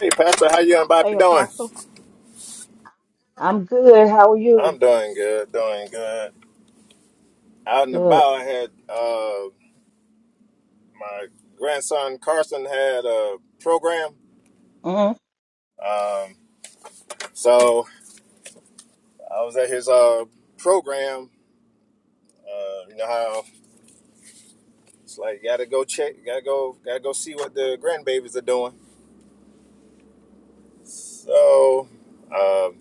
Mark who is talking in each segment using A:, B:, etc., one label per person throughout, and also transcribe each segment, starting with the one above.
A: Hey, Pastor, how you and
B: Hey,
A: Bobby doing?
B: Apostle. I'm good. How are you?
A: I'm doing good, doing good. Out and
B: Good.
A: about, I had uh, my grandson Carson had a program,
B: mm
A: um, so I was at his uh, program. Uh, you know how it's like, you gotta go check, gotta go, gotta go see what the grandbabies are doing. So, um,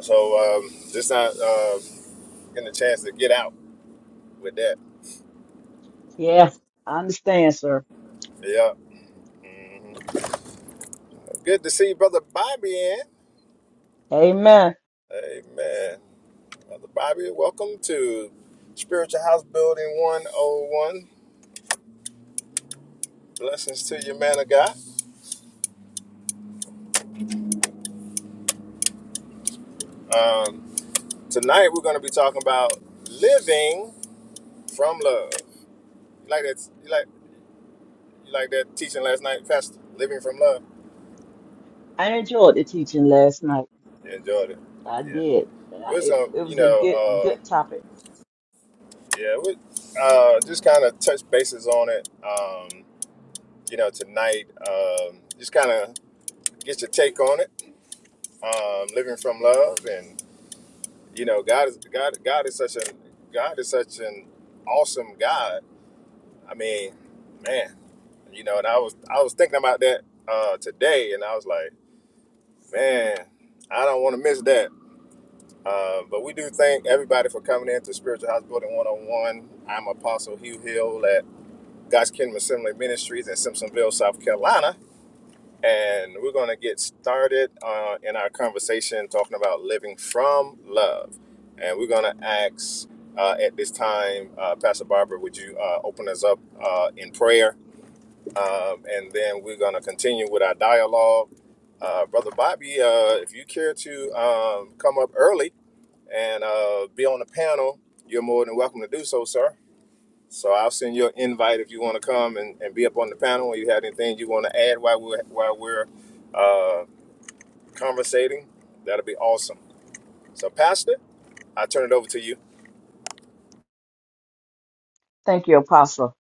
A: so um, just not uh, getting a chance to get out with that.
B: Yeah, I understand, sir.
A: Yeah, Mhm. good to see brother Bobby in.
B: Amen.
A: Amen. Brother Bobby, welcome to Spiritual House Building 101. Blessings to you, man of God. Um, tonight we're going to be talking about living from love. You like that? You like you like that teaching last night, Pastor? Living from love.
B: I enjoyed the teaching last night.
A: You enjoyed it.
B: I
A: Yeah.
B: did. And I-
A: We're just
B: It,
A: gonna,
B: it
A: you
B: was a good,
A: know,
B: good
A: uh,
B: topic.
A: yeah, we uh, just kind of touch bases on it. Um, you know, tonight, um, just kind of get your take on it. Um, living from love and. you know, God is God. God is such an God is such an awesome God. I mean, man, you know. And I was I was thinking about that uh, today, and I was like, man, I don't want to miss that. Uh, but we do thank everybody for coming in to Spiritual House Building 101. I'm Apostle Hugh Hill at God's Kingdom Assembly Ministries in Simpsonville, South Carolina and we're going to get started uh, in our conversation talking about living from love. And we're going to ask uh, at this time, uh, Pastor Barbara, would you uh, open us up uh, in prayer? Um, and then we're going to continue with our dialogue. Uh, Brother Bobby, uh, if you care to um, come up early and uh, be on the panel, you're more than welcome to do so, sir. So I'll send you an invite if you want to come and, and be up on the panel or you have anything you want to add while we're while we're uh, conversating. That'll be awesome. So Pastor, I turn it over to you.
B: Thank you, Apostle.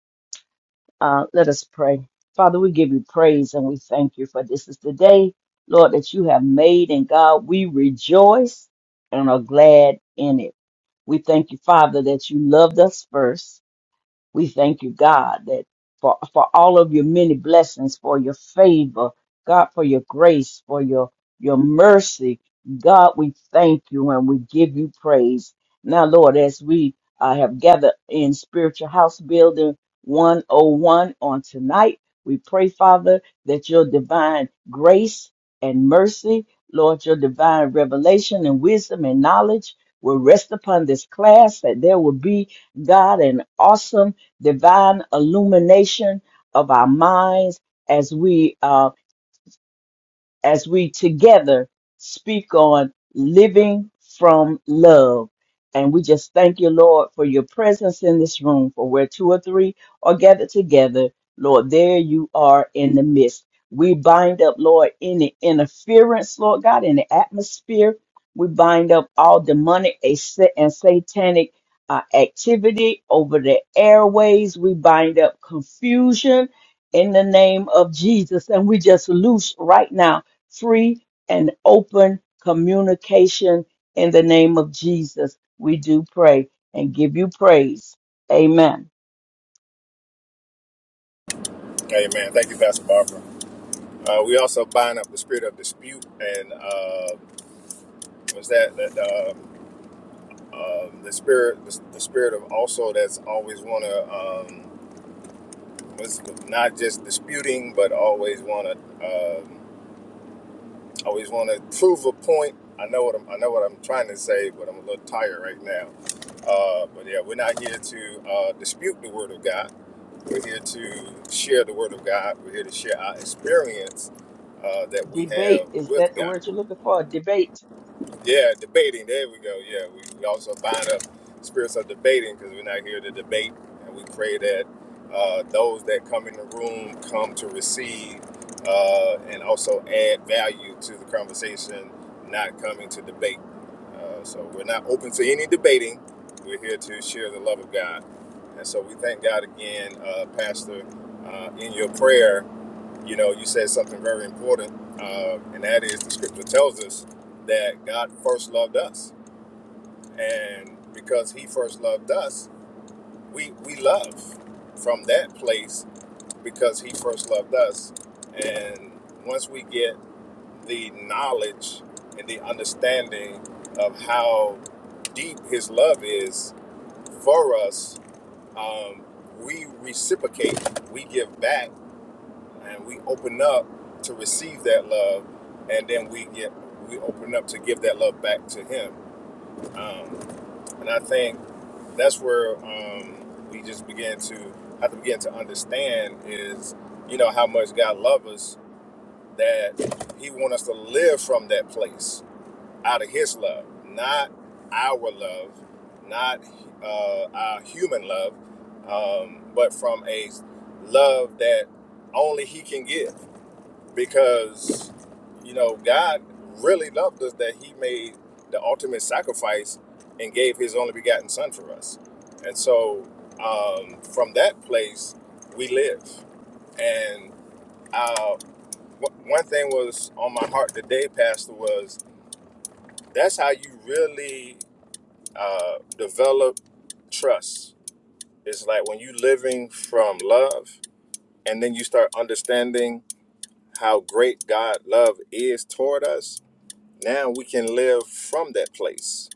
B: Uh, let us pray. Father, we give you praise and we thank you for this is the day, Lord, that you have made. And God, we rejoice and are glad in it. We thank you, Father, that you loved us first We thank you, God, that for, for all of your many blessings, for your favor, God, for your grace, for your, your mercy. God, we thank you and we give you praise. Now, Lord, as we uh, have gathered in Spiritual House Building 101 on tonight, we pray, Father, that your divine grace and mercy, Lord, your divine revelation and wisdom and knowledge will rest upon this class, that there will be, God, an awesome divine illumination of our minds as we uh, as we together speak on living from love. And we just thank you, Lord, for your presence in this room, for where two or three are gathered together. Lord, there you are in the midst. We bind up, Lord, any interference, Lord God, in the atmosphere. We bind up all demonic and sa- and satanic uh, activity over the airways. We bind up confusion in the name of Jesus. And we just loose right now free and open communication in the name of Jesus. We do pray and give you praise. Amen.
A: Amen. Thank you, Pastor Barbara. Uh, we also bind up the spirit of dispute and uh, was that that uh, uh, the spirit the, the spirit of also that's always want to um, was not just disputing but always want to. Um, I Always want to prove a point. I know what I'm. I know what I'm trying to say, but I'm a little tired right now. Uh, but yeah, we're not here to uh, dispute the word of God. We're here to share the word of God. We're here to share our experience uh, that we
B: Debate,
A: have
B: is that
A: with
B: the
A: God.
B: word you're looking for? Debate.
A: Yeah, debating. There we go. Yeah, we, we also bind up spirits of debating because we're not here to debate. And we pray that uh, those that come in the room come to receive uh, and also add value to the conversation, not coming to debate. Uh, so we're not open to any debating. We're here to share the love of God. And so we thank God again, uh, Pastor, uh, in your prayer. You know, you said something very important, uh, and that is the scripture tells us that God first loved us. And because he first loved us, we, we love from that place because he first loved us. And once we get the knowledge and the understanding of how deep his love is for us, um, we reciprocate, we give back and we open up to receive that love, and then we get we open up to give that love back to Him. Um, and I think that's where um, we just begin to have to begin to understand is you know how much God loves us that He wants us to live from that place out of His love, not our love, not uh, our human love, um, but from a love that only He can give because you know God really loved us that He made the ultimate sacrifice and gave His only begotten Son for us, and so um, from that place we live. And uh, w- one thing was on my heart today, Pastor, was that's how you really uh, develop trust. It's like when you living from love, and then you start understanding how great God love is toward us now we can live from that place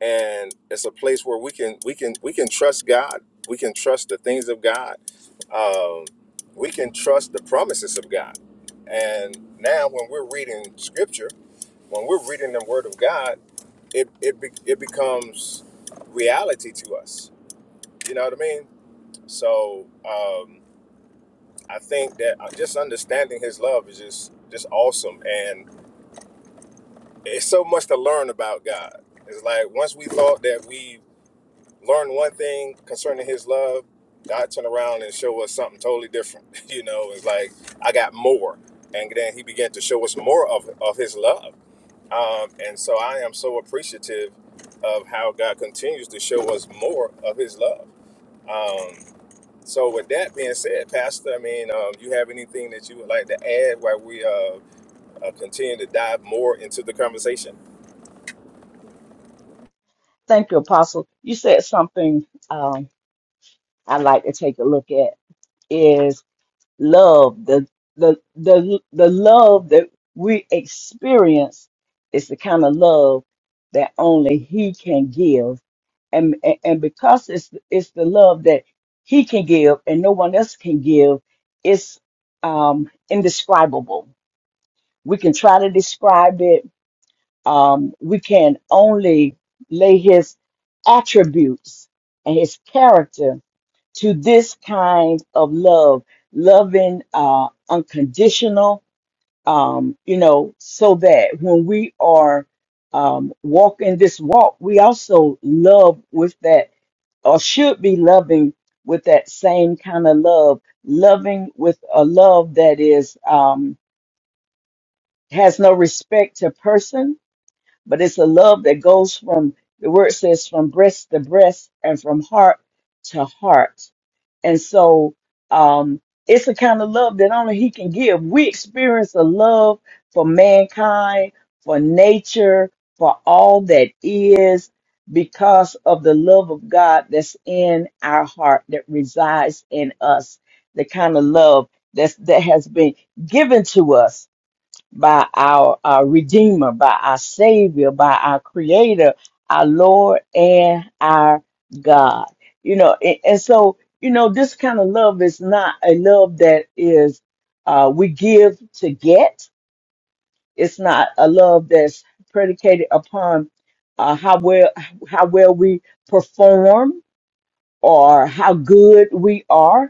A: and it's a place where we can we can we can trust god we can trust the things of god um, we can trust the promises of god and now when we're reading scripture when we're reading the word of god it it, be, it becomes reality to us you know what i mean so um, i think that uh, just understanding his love is just just awesome and. it's so much to learn about God. It's like once we thought that we learned one thing concerning His love, God turned around and showed us something totally different. You know, it's like I got more, and then He began to show us more of of His love. Um, and so I am so appreciative of how God continues to show us more of His love. So with that being said, Pastor, I mean, um, you have anything that you would like to add while we uh, uh, continue to dive more into the conversation?
B: Thank you, Apostle. You said something um, I like to take a look at is love. The, the, the, the love that we experience is the kind of love that only He can give and and and because it's it's the love that he can give and no one else can give it's um indescribable we can try to describe it um we can only lay his attributes and his character to this kind of love loving uh unconditional um you know so that when we are um walking this walk we also love with that or should be loving with that same kind of love, loving with a love that is um, has no respect to person, but it's a love that goes from the word says from breast to breast and from heart to heart. And so um, it's a kind of love that only He can give. We experience a love for mankind, for nature, for all that is, because of the love of God that's in our heart that resides in us. The kind of love that's, that has been given to us by our, our Redeemer, by our Savior, by our Creator, our Lord, and our God. You know, and, and so, you know, this kind of love is not a love that is, uh, we give to get. It's not a love that's predicated upon uh, how well how well we perform or how good we are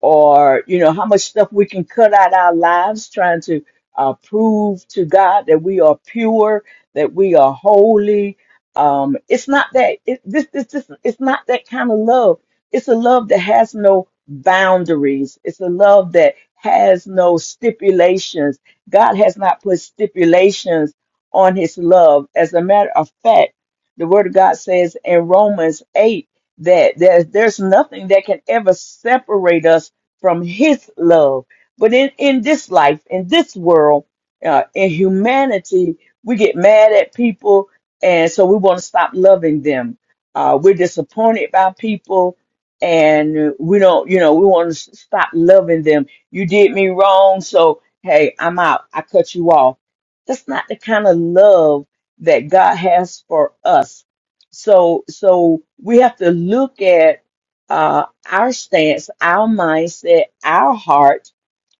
B: or you know how much stuff we can cut out our lives trying to uh, prove to God that we are pure, that we are holy. Um, it's not that it, this, this, this it's not that kind of love. It's a love that has no boundaries. It's a love that has no stipulations. God has not put stipulations on His love. As a matter of fact, the Word of God says in Romans eight that there's, there's nothing that can ever separate us from his love. But in, in this life, in this world, uh, in humanity, we get mad at people, and so we want to stop loving them. Uh, we're disappointed by people, and we don't, you know, we want to s- stop loving them. You did me wrong, so hey, I'm out. I cut you off. That's not the kind of love that God has for us. So, so we have to look at uh, our stance, our mindset, our heart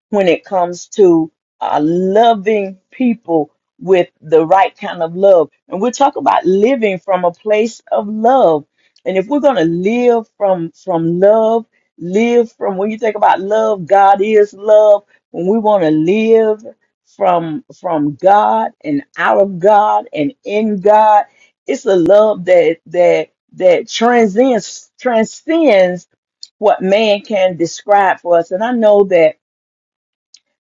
B: when it comes to uh, loving people with the right kind of love. And we'll talk about living from a place of love. And if we're going to live from from love, live from when you think about love, God is love. When we want to live from from God and out of God and in God, it's a love that that that transcends transcends what man can describe for us. And I know that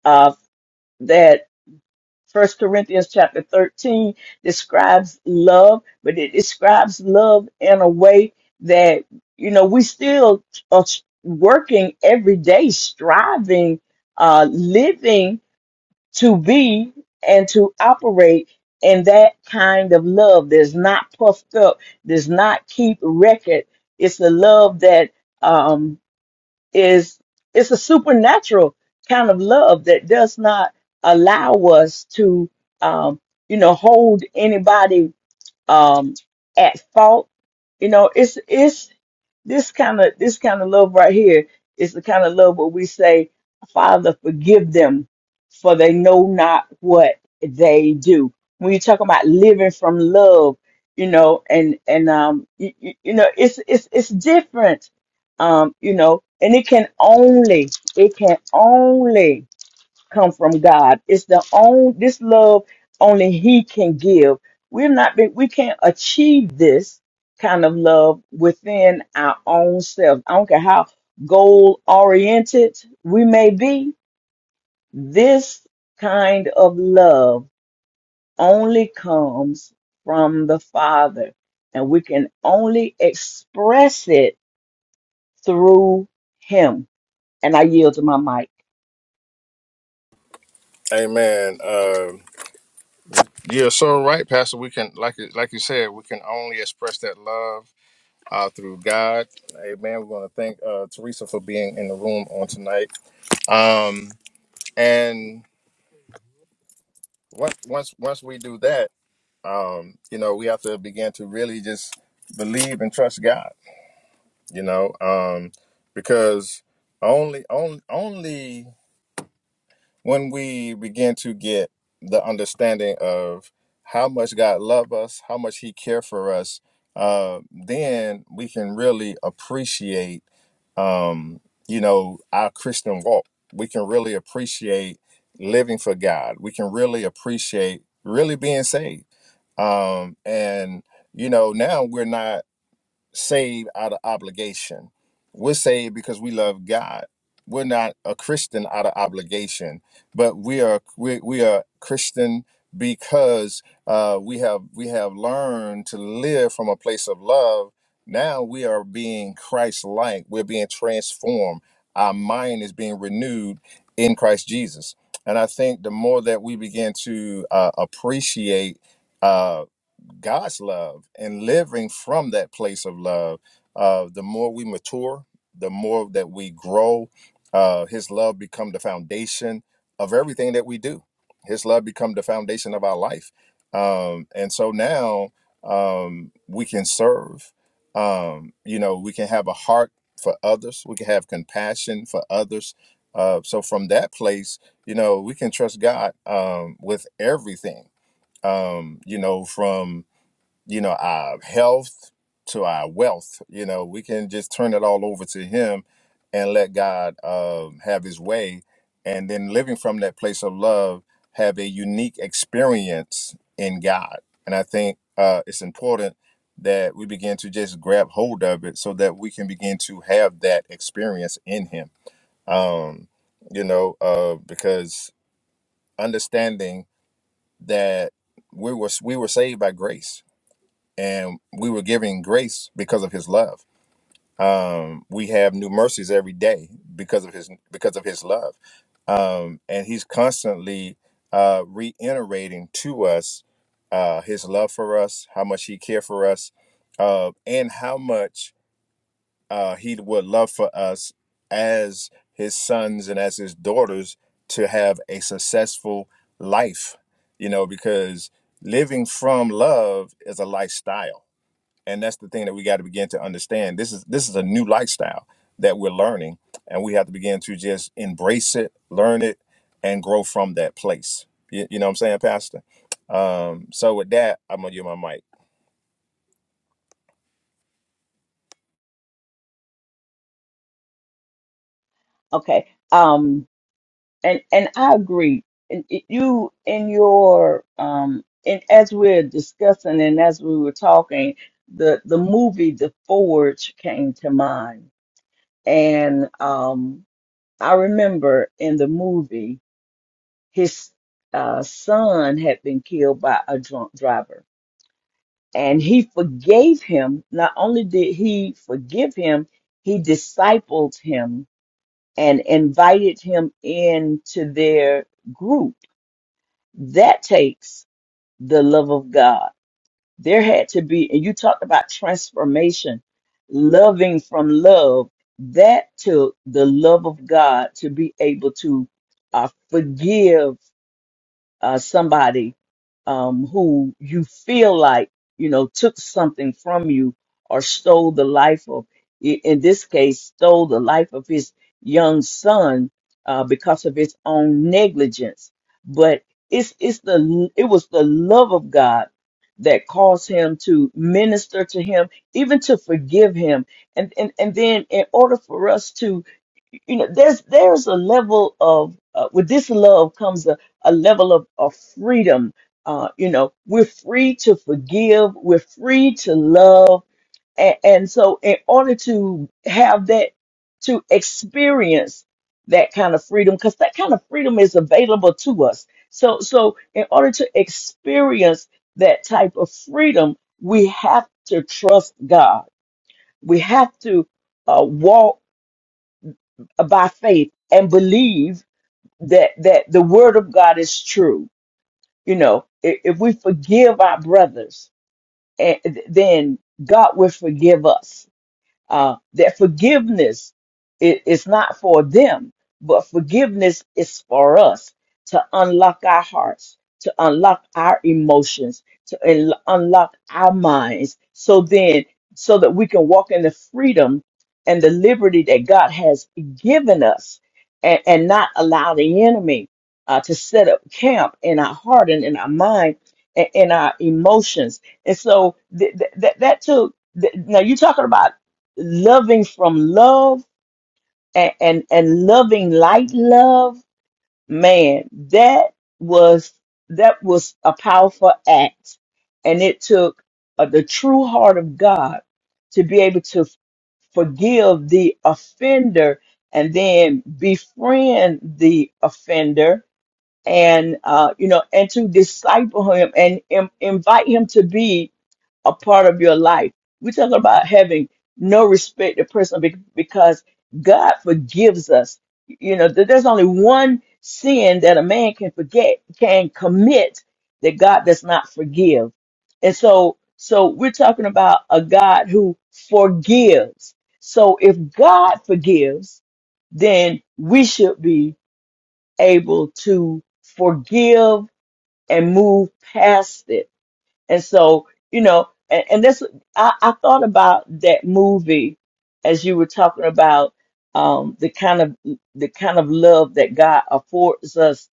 B: uh, that First Corinthians chapter 13 describes love, but it describes love in a way that, you know, we still are working every day, striving, uh, living to be and to operate in that kind of love that's not puffed up, does not keep record. It's a love that, um, is it's a supernatural kind of love that does not allow us to um you know hold anybody um at fault you know it's it's this kind of this kind of love right here is the kind of love where we say, Father, forgive them, for they know not what they do. When you talk about living from love, you know, and and um, you, you know, it's it's it's different, um, you know, and it can only it can only come from God. It's the own this love only He can give. We're not been, we can't achieve this kind of love within our own self. I don't care how goal oriented we may be. This kind of love only comes from the Father, and we can only express it through Him. And I yield to my mic.
A: Amen. Um Yeah, so right, Pastor. We can, like, you- like you said, we can only express that love uh, through God. Amen. We're going to thank uh, Teresa for being in the room on tonight. Um, and once, once, once we do that, um, you know, we have to begin to really just believe and trust God. You know, um, because only, only, only when we begin to get the understanding of how much God loves us, how much He cares for us, uh, then we can really appreciate, um, you know, our Christian walk. We can really appreciate living for God. We can really appreciate really being saved. Um, and you know, now we're not saved out of obligation. We're saved because we love God. We're not a Christian out of obligation, but we are we, we are Christian because uh, we have we have learned to live from a place of love. Now we are being Christ-like. We're being transformed. Our mind is being renewed in Christ Jesus. And I think the more that we begin to uh, appreciate uh, God's love and living from that place of love. Uh, the more we mature, the more that we grow, uh, His love become the foundation of everything that we do. His love become the foundation of our life, um, and so now um, we can serve. Um, you know, we can have a heart for others. We can have compassion for others. Uh, so from that place, you know, we can trust God um, with everything. Um, you know, from you know, our health to our wealth. You know, we can just turn it all over to Him and let God um, have His way. And then living from that place of love, have a unique experience in God. And I think uh, it's important that we begin to just grab hold of it so that we can begin to have that experience in Him. Um, you know, uh, because understanding that we were we were saved by grace and we were giving grace because of his love um we have new mercies every day because of his because of his love um and he's constantly uh reiterating to us uh his love for us how much he cared for us uh and how much uh he would love for us as his sons and as his daughters to have a successful life you know because living from love is a lifestyle and that's the thing that we got to begin to understand this is this is a new lifestyle that we're learning and we have to begin to just embrace it learn it and grow from that place you, you know what i'm saying pastor um so with that i'm gonna give my mic
B: Okay. Um and and I agree. And it- you in your um and as we're discussing and as we were talking, the the movie The Forge came to mind, and um I remember in the movie his uh, son had been killed by a drunk driver, and he forgave him. Not only did he forgive him, he discipled him and invited him into their group That takes the love of God. There had to be, and you talked about transformation, loving from love. That took the love of God to be able to uh, forgive uh, somebody um, who you feel like you know took something from you or stole the life of i- in this case stole the life of his young son uh, because of his own negligence but it's it's the it was the love of god that caused him to minister to him even to forgive him and and, and then in order for us to you know there's there's a level of uh, with this love comes a, a level of, of freedom uh, you know we're free to forgive we're free to love and, and so in order to have that to experience that kind of freedom because that kind of freedom is available to us so so in order to experience that type of freedom we have to trust god we have to uh, walk by faith and believe that that the word of God is true. You know, if, if we forgive our brothers, eh, then God will forgive us uh, that forgiveness i- is not for them, but forgiveness is for us to unlock our hearts, to unlock our emotions, to unlo- unlock our minds, so then, so that we can walk in the freedom and the liberty that God has given us and, and not allow the enemy uh, to set up camp in our heart and in our mind and in our emotions. And so th- th- that that took, th- now you're talking about loving from love and, and and loving light love man that was that was a powerful act and it took uh, the true heart of god to be able to forgive the offender and then befriend the offender and uh you know and to disciple him and im- invite him to be a part of your life. We're talking about having no respect to person be- because God forgives us. You know, there- there's only one sin that a man can forget, can commit that God does not forgive. And so, so we're talking about a God who forgives. So if God forgives, then we should be able to forgive and move past it and so, you know, and, and that's I, I thought about that movie as you were talking about um, the kind of the kind of love that God affords us,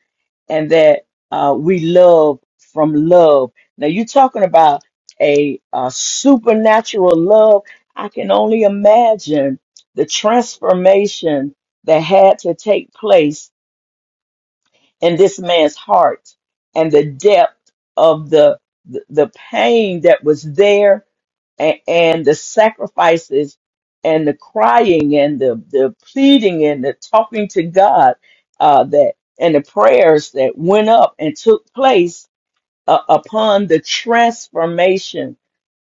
B: and that uh, we love from love. Now you're talking about a, a supernatural love. I can only imagine the transformation that had to take place in this man's heart and the depth of the the, the pain that was there and, and the sacrifices and the crying and the, the pleading and the talking to God uh, that and the prayers that went up and took place uh, upon the transformation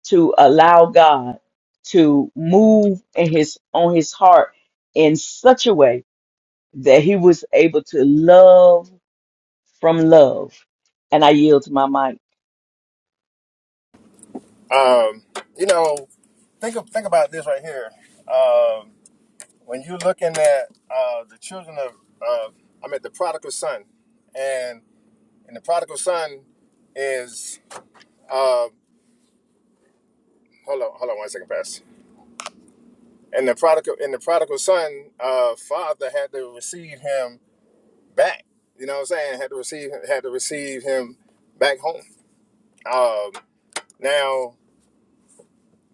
B: to allow God to move in his on his heart in such a way that he was able to love from love. And I yield to my mic.
A: Um, you know, think of, think about this right here. Um, when you're looking at uh, the children of, uh, I mean, the prodigal son, and and the prodigal son is uh, hold on, hold on one second, Pastor. and the prodigal and the prodigal son uh father had to receive him back you know what i'm saying had to receive had to receive him back home um now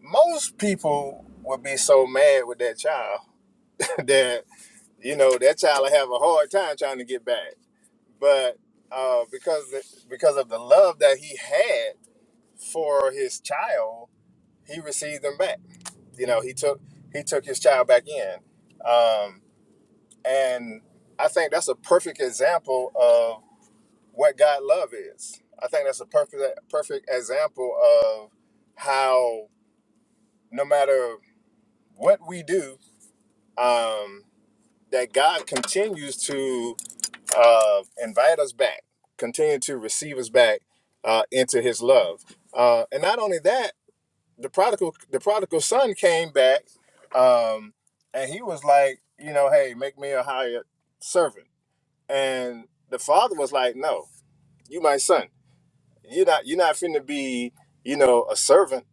A: most people would be so mad with that child that you know that child would have a hard time trying to get back but uh because the, because of the love that he had for his child he received him back you know he took he took his child back in Um, And I think that's a perfect example of what God love is. I think that's a perfect perfect example of how no matter what we do, um, that God continues to uh, invite us back, continue to receive us back uh, into His love. Uh, and not only that, the prodigal the prodigal son came back, um, and he was like, you know, hey, make me a hired servant And the father was like, No, you my son. You're not you're not finna be, you know, a servant.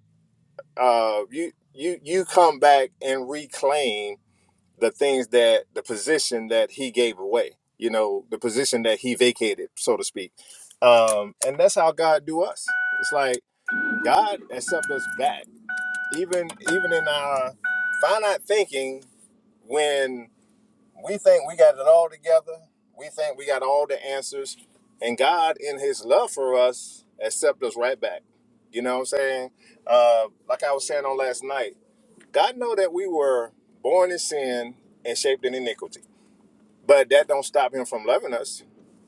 A: Uh you you you come back and reclaim the things that the position that he gave away, you know, the position that he vacated, so to speak. Um, and that's how God do us. It's like God accepts us back, even even in our finite thinking. When we think we got it all together. We think we got all the answers. And God, in His love for us, accept us right back. You know what I'm saying? Uh, like I was saying on last night, God know that we were born in sin and shaped in iniquity. But that don't stop Him from loving us.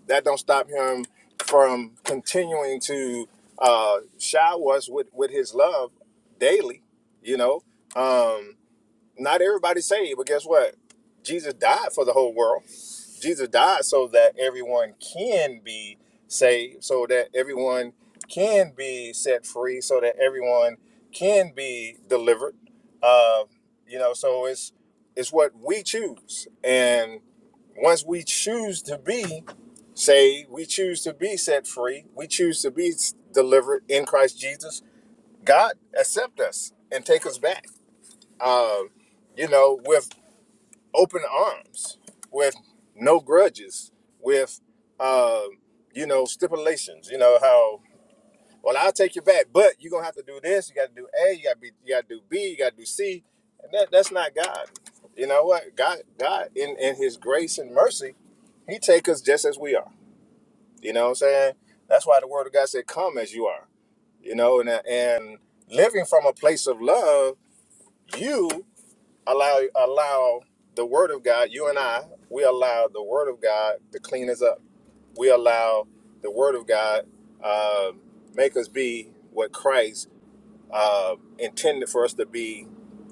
A: That don't stop Him from continuing to uh, shower us with, with His love daily. You know. Um, not everybody's saved, but guess what? Jesus died for the whole world. Jesus died so that everyone can be saved, so that everyone can be set free, so that everyone can be delivered. Uh, you know, so it's it's what we choose, and once we choose to be saved, we choose to be set free, we choose to be s- delivered in Christ Jesus. God accept us and take us back. Uh, you know, with open arms with no grudges with uh, you know stipulations you know how well i'll take you back but you're gonna have to do this you gotta do a you gotta be you gotta do b you gotta do c and that, that's not god you know what god god in, in his grace and mercy he take us just as we are you know what i'm saying that's why the word of god said come as you are you know and, and living from a place of love you allow allow the word of God, you and I, we allow the word of God to clean us up. We allow the word of God uh, make us be what Christ uh, intended for us to be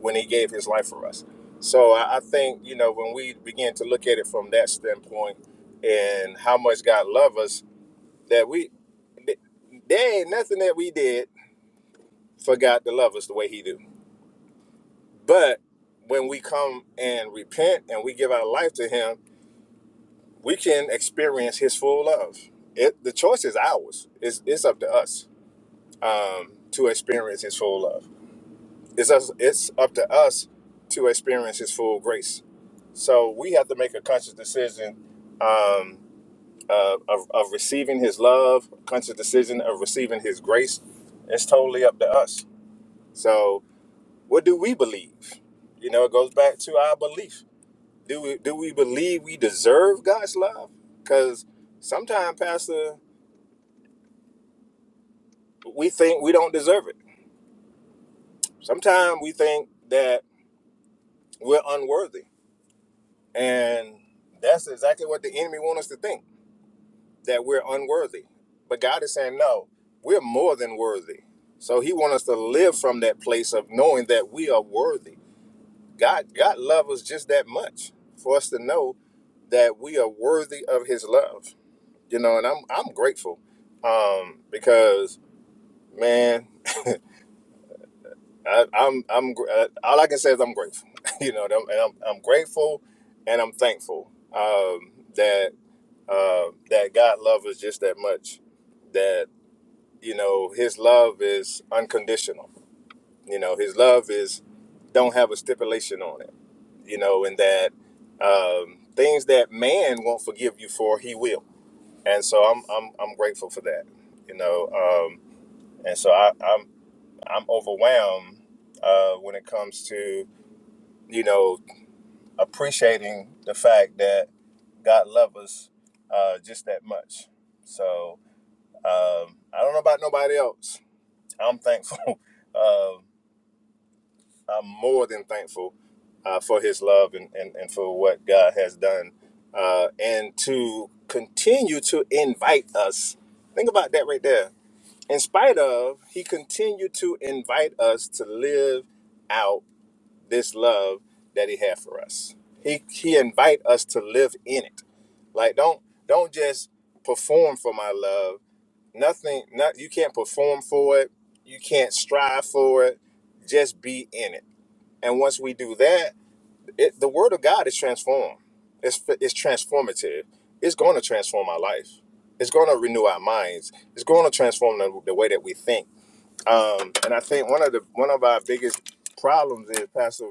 A: when he gave his life for us. So I, I think, you know, when we begin to look at it from that standpoint and how much God loves us, that we, th- there ain't nothing that we did for God to love us the way he do But when we come and repent and we give our life to Him, we can experience His full love. It, the choice is ours. It's, it's up to us um, to experience His full love. It's us, it's up to us to experience His full grace. So we have to make a conscious decision um, uh, of, of receiving His love, conscious decision of receiving His grace. It's totally up to us. So what do we believe? You know, it goes back to our belief Do we do we believe we deserve God's love? Because sometimes, Pastor, we think we don't deserve it. Sometimes we think that we're unworthy, and that's exactly what the enemy wants us to think that we're unworthy. But God is saying, no, we're more than worthy. So He wants us to live from that place of knowing that we are worthy. God, God loves us just that much for us to know that we are worthy of His love you know, and I'm I'm grateful um, because man, I, I'm I'm gr- uh, all I can say is I'm grateful, you know, and I'm and I'm I'm grateful and I'm thankful um, that uh, that God loves us just that much, that you know His love is unconditional, you know His love is don't have a stipulation on it, you know, and that um, things that man won't forgive you for, He will, and so I'm I'm I'm grateful for that, you know. um, and so I, I'm I'm overwhelmed uh, when it comes to you know appreciating the fact that God loves us uh, just that much. So um, I don't know about nobody else. I'm thankful. Uh, I'm more than thankful uh, for His love and, and, and for what God has done uh, and to continue to invite us. Think about that right there In spite of, he continued to invite us to live out this love that he had for us. He he invite us to live in it. Like don't don't just perform for my love. Nothing not you can't perform for it. You can't strive for it. Just be in it. And once we do that, it, the word of God is transformed. It's it's transformative. It's going to transform our life. It's going to renew our minds. It's going to transform the, the way that we think um, and I think one of the one of our biggest problems is, Pastor,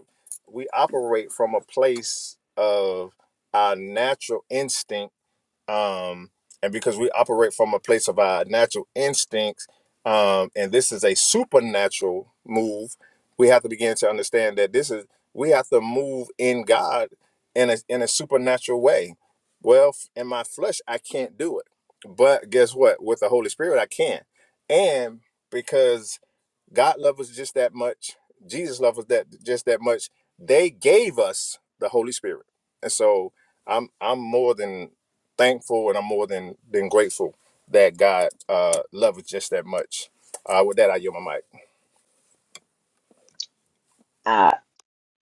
A: we operate from a place of our natural instinct, um, and because we operate from a place of our natural instincts, um, and this is a supernatural move, we have to begin to understand that this is we have to move in God in a in a supernatural way. Well, f- in my flesh, I can't do it, but guess what? With the Holy Spirit, I can, and because God loved us just that much. Jesus loved us that just that much. They gave us the Holy Spirit, and so I'm I'm more than thankful, and I'm more than than grateful that God uh, loved us just that much. Uh, with that, I yield my mic.
B: I,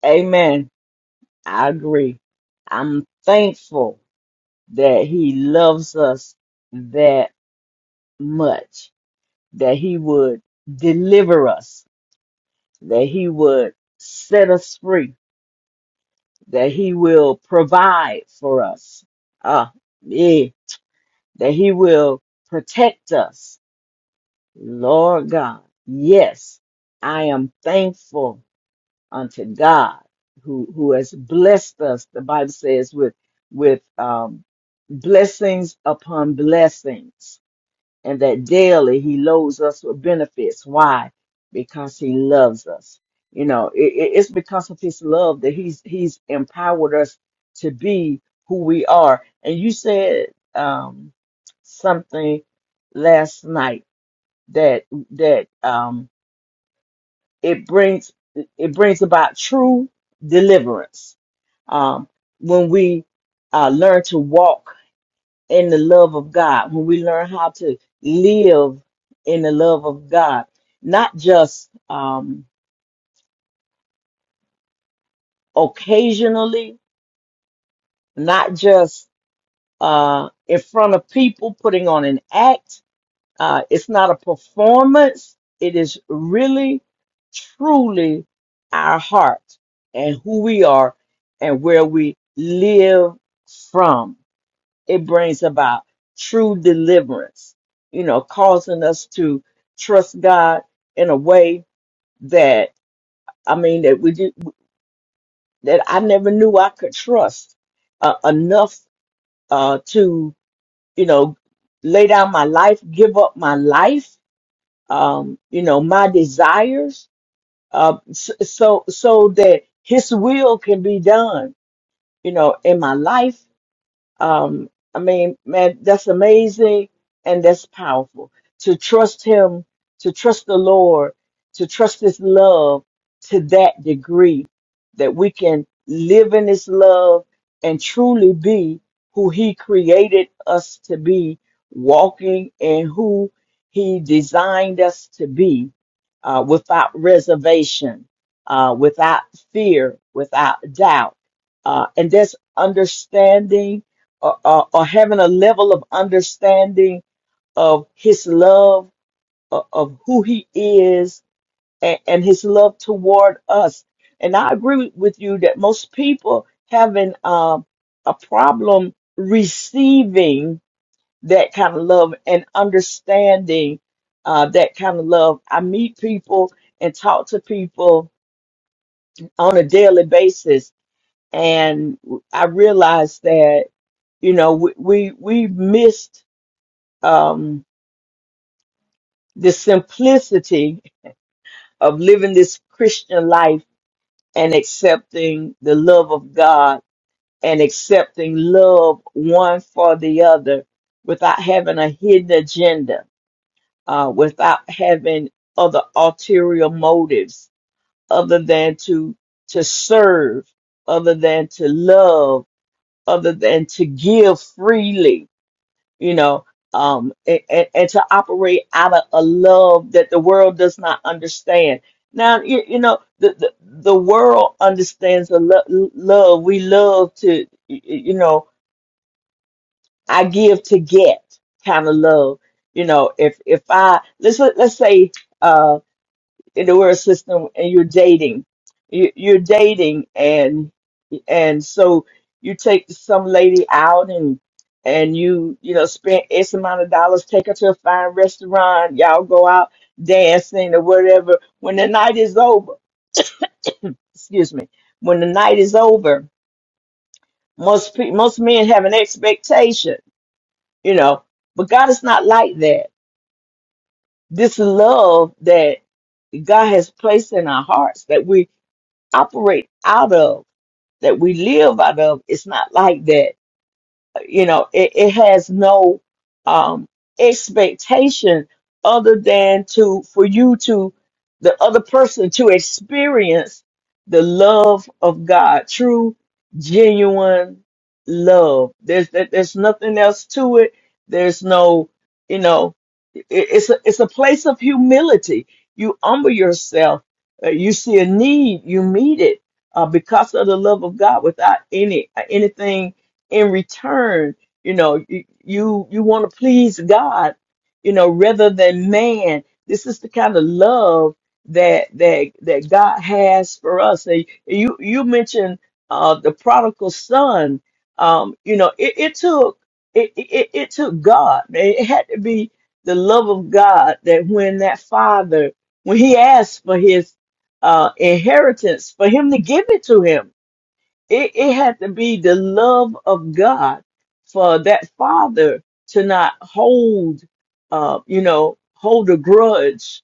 B: amen. I agree. I'm thankful that he loves us that much, that he would deliver us, that he would set us free, that he will provide for us. Ah, yeah, that he will protect us. Lord God, yes, I am thankful unto God who who has blessed us the Bible says with with um blessings upon blessings and that daily he loads us with benefits why because he loves us you know it, it- it's because of his love that he's he's empowered us to be who we are and you said um something last night that that um it brings it brings about true deliverance um, when we uh, learn to walk in the love of God, when we learn how to live in the love of God, not just um, occasionally, not just uh, in front of people putting on an act, Uh, it's not a performance. It is really, truly our heart and who we are and where we live from. It brings about true deliverance, you know, causing us to trust God in a way that, I mean, that we just, that I never knew I could trust uh, enough uh, to, you know, lay down my life, give up my life um, you know, my desires, uh, s- so so that His will can be done, you know, in my life um, I mean, man, that's amazing and that's powerful. To trust Him, to trust the Lord, to trust His love to that degree that we can live in His love and truly be who He created us to be, walking in who He designed us to be uh, without reservation, uh, without fear, without doubt. Uh, and that's understanding or, or, or having a level of understanding of his love of, of who he is and, and his love toward us and i agree with you that most people having um, a problem receiving that kind of love and understanding uh, that kind of love i meet people and talk to people on a daily basis and i realize that you know we we, we missed um, the simplicity of living this Christian life and accepting the love of God and accepting love one for the other without having a hidden agenda, uh, without having other ulterior motives other than to to serve, other than to love, other than to give freely you know, um, and, and, and to operate out of a love that the world does not understand. Now, you, you know, the, the, the world understands the lo- love. We love to, y- you know, I give to get kind of love. You know, if, if I, let's, let's say, uh, in the world system and you're dating, you, you're dating and so you take some lady out and and you you know spend x amount of dollars take her to a fine restaurant y'all go out dancing or whatever when the night is over excuse me when the night is over most pe- most men have an expectation you know but god is not like that this love that god has placed in our hearts that we operate out of that we live out of it's not like that you know it, it has no um expectation other than to for you to the other person to experience the love of god true genuine love there's there, there's nothing else to it there's no you know it, it's a, it's a place of humility you humble yourself Uh, you see a need you meet it uh, because of the love of god without any anything in return you know you you, you want to please god you know rather than man this is the kind of love that that that god has for us and you you mentioned uh the prodigal son um you know it, it took it, it it took god it had to be the love of god that when that father when he asked for his uh inheritance for him to give it to him it, it had to be the love of God for that father to not hold, uh, you know, hold a grudge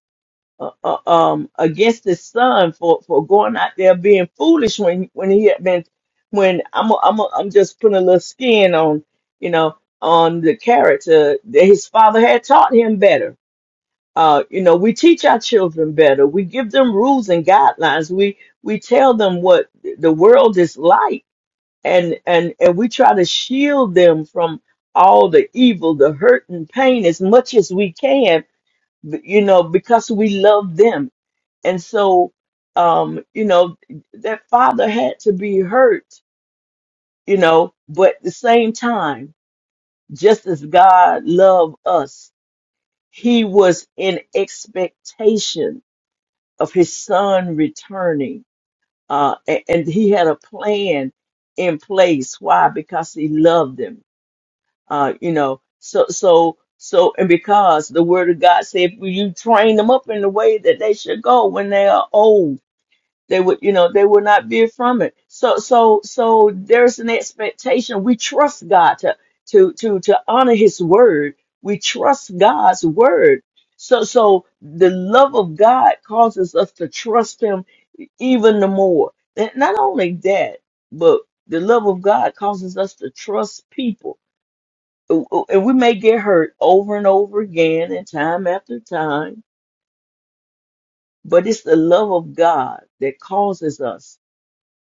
B: uh, uh, um, against his son for, for going out there being foolish when when he had been when I'm a, I'm a, I'm just putting a little skin on you know on the character that his father had taught him better. Uh, you know, we teach our children better. We give them rules and guidelines. We we tell them what the world is like and and and we try to shield them from all the evil the hurt and pain as much as we can b- you know because we love them and so um you know that father had to be hurt you know but at the same time just as god loved us he was in expectation of his son returning uh a- and he had a plan in place why because he loved them uh, you know, so so so, and because the word of God said, if you train them up in the way that they should go when they are old, they would, you know, they will not veer from it. So so so, there's an expectation. We trust God to to to to honor His word. We trust God's word. So so, the love of God causes us to trust Him even the more. And not only that, but the love of God causes us to trust people and we may get hurt over and over again and time after time, but it's the love of God that causes us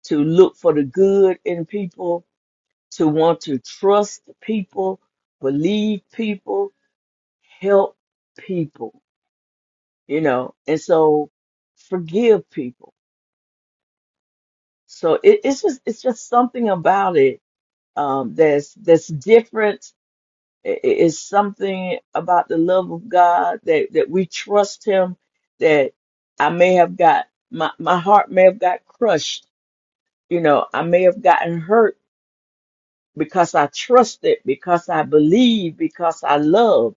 B: to look for the good in people, to want to trust people, believe people, help people, you know, and so forgive people. So it, it's just it's just something about it um, that's that's different It it is something about the love of God that, that we trust Him. That I may have got my my heart may have got crushed. You know, I may have gotten hurt because I trusted, because I believed, because I loved.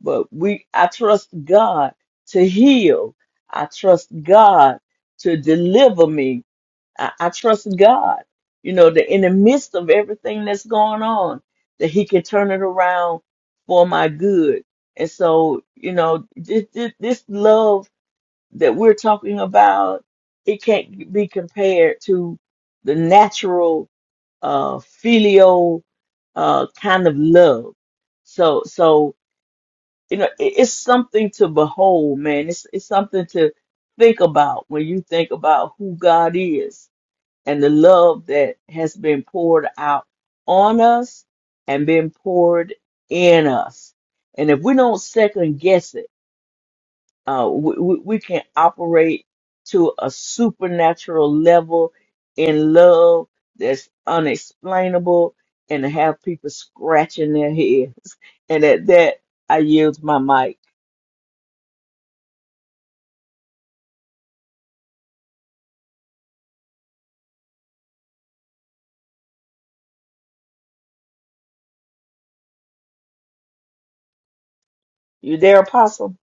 B: But we, I trust God to heal. I trust God to deliver me. I, I trust God, you know, that in the midst of everything that's going on, that He can turn it around for my good. And so, you know, this, this, this love that we're talking about, it can't be compared to the natural, uh, filial, uh, kind of love. So, so, you know, it, it's something to behold, man. It's, it's something to think about when you think about who God is and the love that has been poured out on us and been poured in us. And if we don't second guess it, uh, we, we we can operate to a supernatural level in love that's unexplainable and have people scratching their heads. And at that, I yield my mic. You there, Apostle?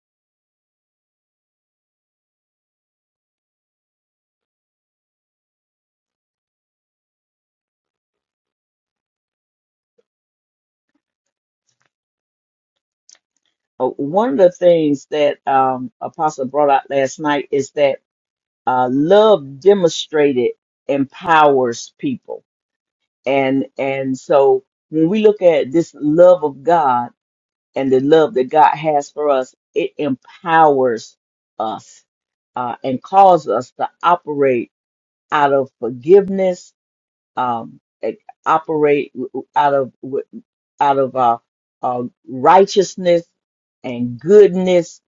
B: Uh, One of the things that um, Apostle brought out last night is that uh, love demonstrated empowers people and and so when we look at this love of god and the love that god has for us it empowers us uh, and calls us to operate out of forgiveness um, eh, operate out of out of uh, uh, righteousness and goodness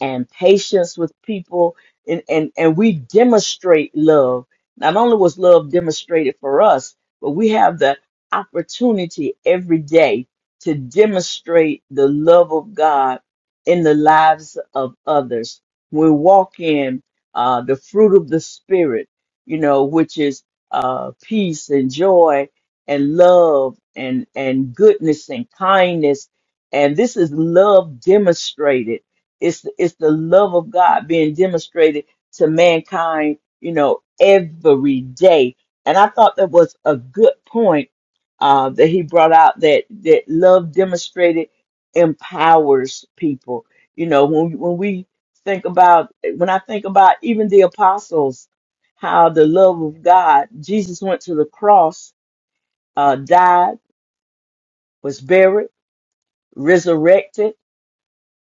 B: and patience with people and, and and we demonstrate love not only was love demonstrated for us but we have the opportunity every day to demonstrate the love of god in the lives of others we walk in uh, the fruit of the spirit you know which is uh, peace and joy and love and and goodness and kindness and this is love demonstrated it's it's the love of god being demonstrated to mankind you know every day and i thought that was a good point uh that he brought out that that love demonstrated empowers people you know when when we think about when i think about even the apostles how the love of god jesus went to the cross uh, died, was buried, resurrected,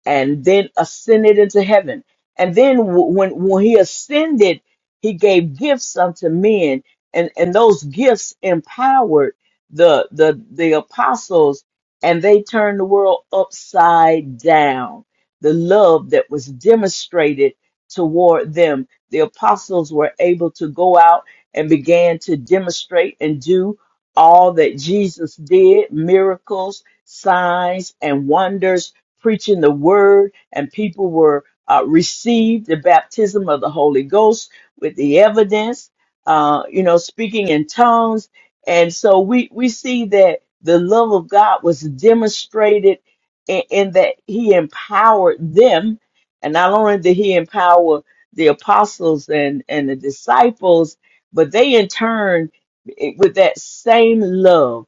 B: and then ascended into heaven. And then w- when when he ascended, he gave gifts unto men, and and those gifts empowered the the the apostles, and they turned the world upside down. The love that was demonstrated toward them, the apostles were able to go out and began to demonstrate and do all that Jesus did, miracles, signs, and wonders preaching the word, and people were uh, received the baptism of the Holy Ghost with the evidence, uh, you know, speaking in tongues. And so we, we see that the love of God was demonstrated in, in that He empowered them. And not only did He empower the apostles and, and the disciples, but they in turn, eh, with that same love,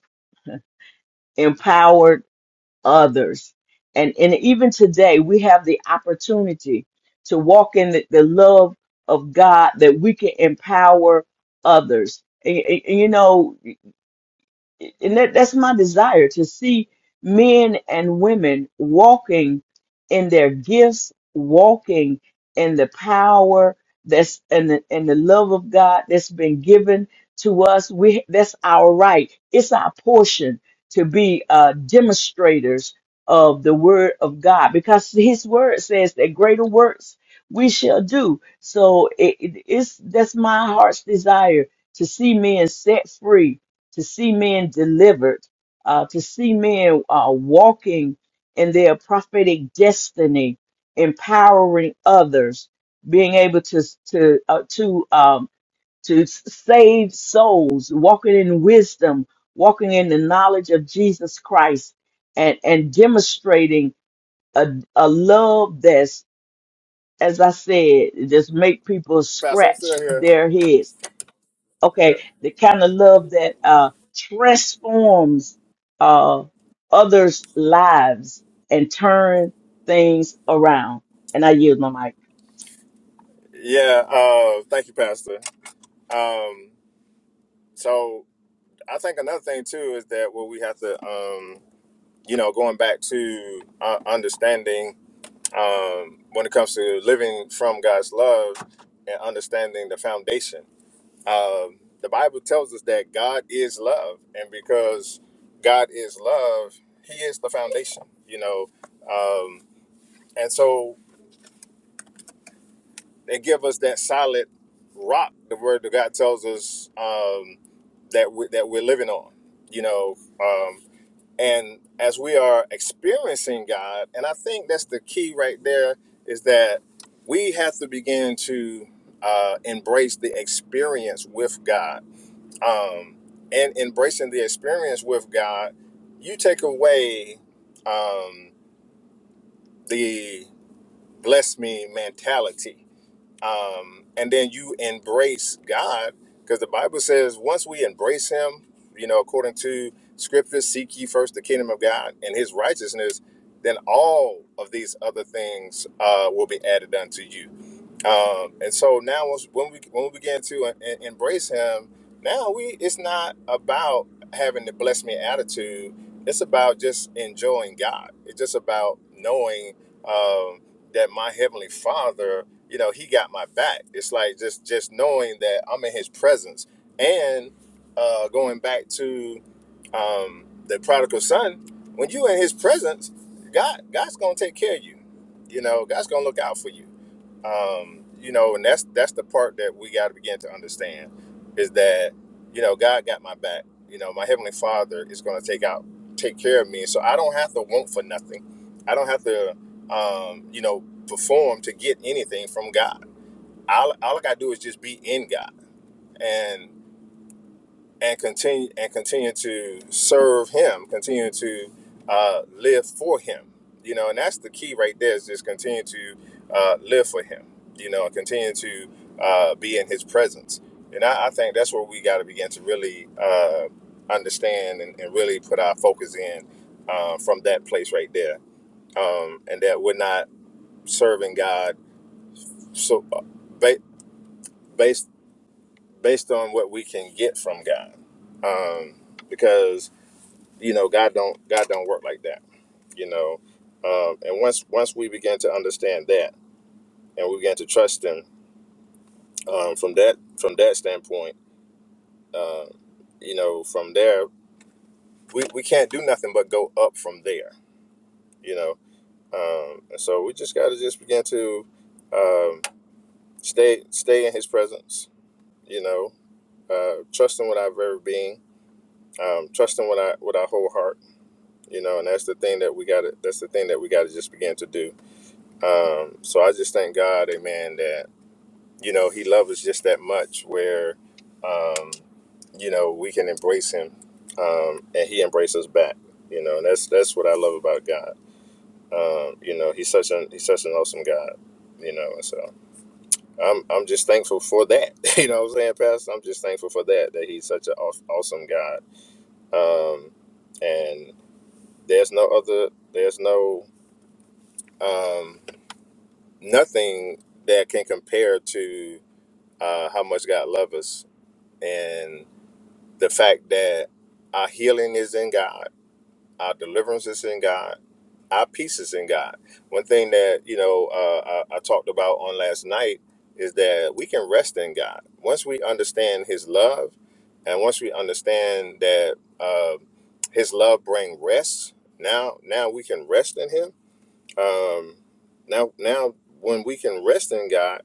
B: empowered others. And, and even today, we have the opportunity to walk in the, the love of God that we can empower others. And, and- and, you know, and that, that's my desire to see men and women walking in their gifts, walking in the power that's and the, and the love of God that's been given to us. We that's our right. It's our portion to be uh, demonstrators of the word of God because His word says that greater works we shall do. So it, it- it's that's my heart's desire to see men set free to see men delivered, uh, to see men uh, walking in their prophetic destiny, empowering others, being able to to uh, to um, to save souls, walking in wisdom, walking in the knowledge of Jesus Christ, and and demonstrating a, a love that's as I said, just make people
A: Pastor, I'm
B: scratch
A: still here.
B: their heads okay the kind of love that uh transforms uh others lives and turn things around and i use my mic
A: Yeah, uh, thank you, Pastor. Um, so I think another thing too is that what we have to, um, you know, going back to uh, understanding um, when it comes to living from God's love and understanding the foundation. Um, the Bible tells us that God is love, and because God is love, He is the foundation. You know, um, and so they give us that solid rock. The Word of God tells us um, that we, that we're living on. You know, um, And as we are experiencing God, and I think that's the key right there, is that we have to begin to uh, embrace the experience with God. Um, and embracing the experience with God, you take away um, the bless me mentality um, and then you embrace God, because the Bible says once we embrace Him, you know, according to Scripture, seek ye first the kingdom of God and His righteousness, then all of these other things uh, will be added unto you. Um, and so now, once- when we when we begin to en- embrace Him, now we it's not about having the bless me attitude. It's about just enjoying God. It's just about knowing. um, that my heavenly father you know he got my back it's like just just knowing that i'm in his presence and uh going back to um the prodigal son when you in his presence god god's gonna take care of you you know god's gonna look out for you um, you know, and that's that's the part that we got to begin to understand is that you know God got my back. You know, my heavenly Father is going to take out, take care of me, so I don't have to want for nothing. I don't have to, um, you know, perform to get anything from God. All, all I got to do is just be in God, and and continue and continue to serve him continue to uh, live for him you know and that's the key right there is just continue to uh, live for him you know and continue to uh, be in his presence and i, I think that's where we got to begin to really uh, understand and, and really put our focus in uh, from that place right there um, and that we're not serving god so uh, ba- based based on what we can get from god um, because you know god don't god don't work like that you know um, and once once we begin to understand that and we begin to trust him um, from that from that standpoint you know from there we, we can't do nothing but go up from there you know um, and so we just got to just begin to um, stay stay in his presence you know uh, trust him with our very being um, trust him with our with our whole heart you know and that's the thing that we got to that's the thing that we got to just begin to do Um, so I just thank God, amen, that, you know, he loves us just that much where, um, you know, we can embrace him um, and he embraces back, you know, and that's, that's what I love about God. Um, you know, he's such an, he's such an awesome God, you know, and so I'm, I'm just thankful for that. You know what I'm saying, Pastor? I'm just thankful for that, that he's such an aw- awesome God. Um, and there's no other, there's no, um, nothing that can compare to, uh, how much God loves us, and the fact that our healing is in God, our deliverance is in God, our peace is in God. One thing that you know uh, I, I talked about on last night is that we can rest in God once we understand His love, and once we understand that uh, His love brings rest. Now, now we can rest in Him. Um, now, now when we can rest in God.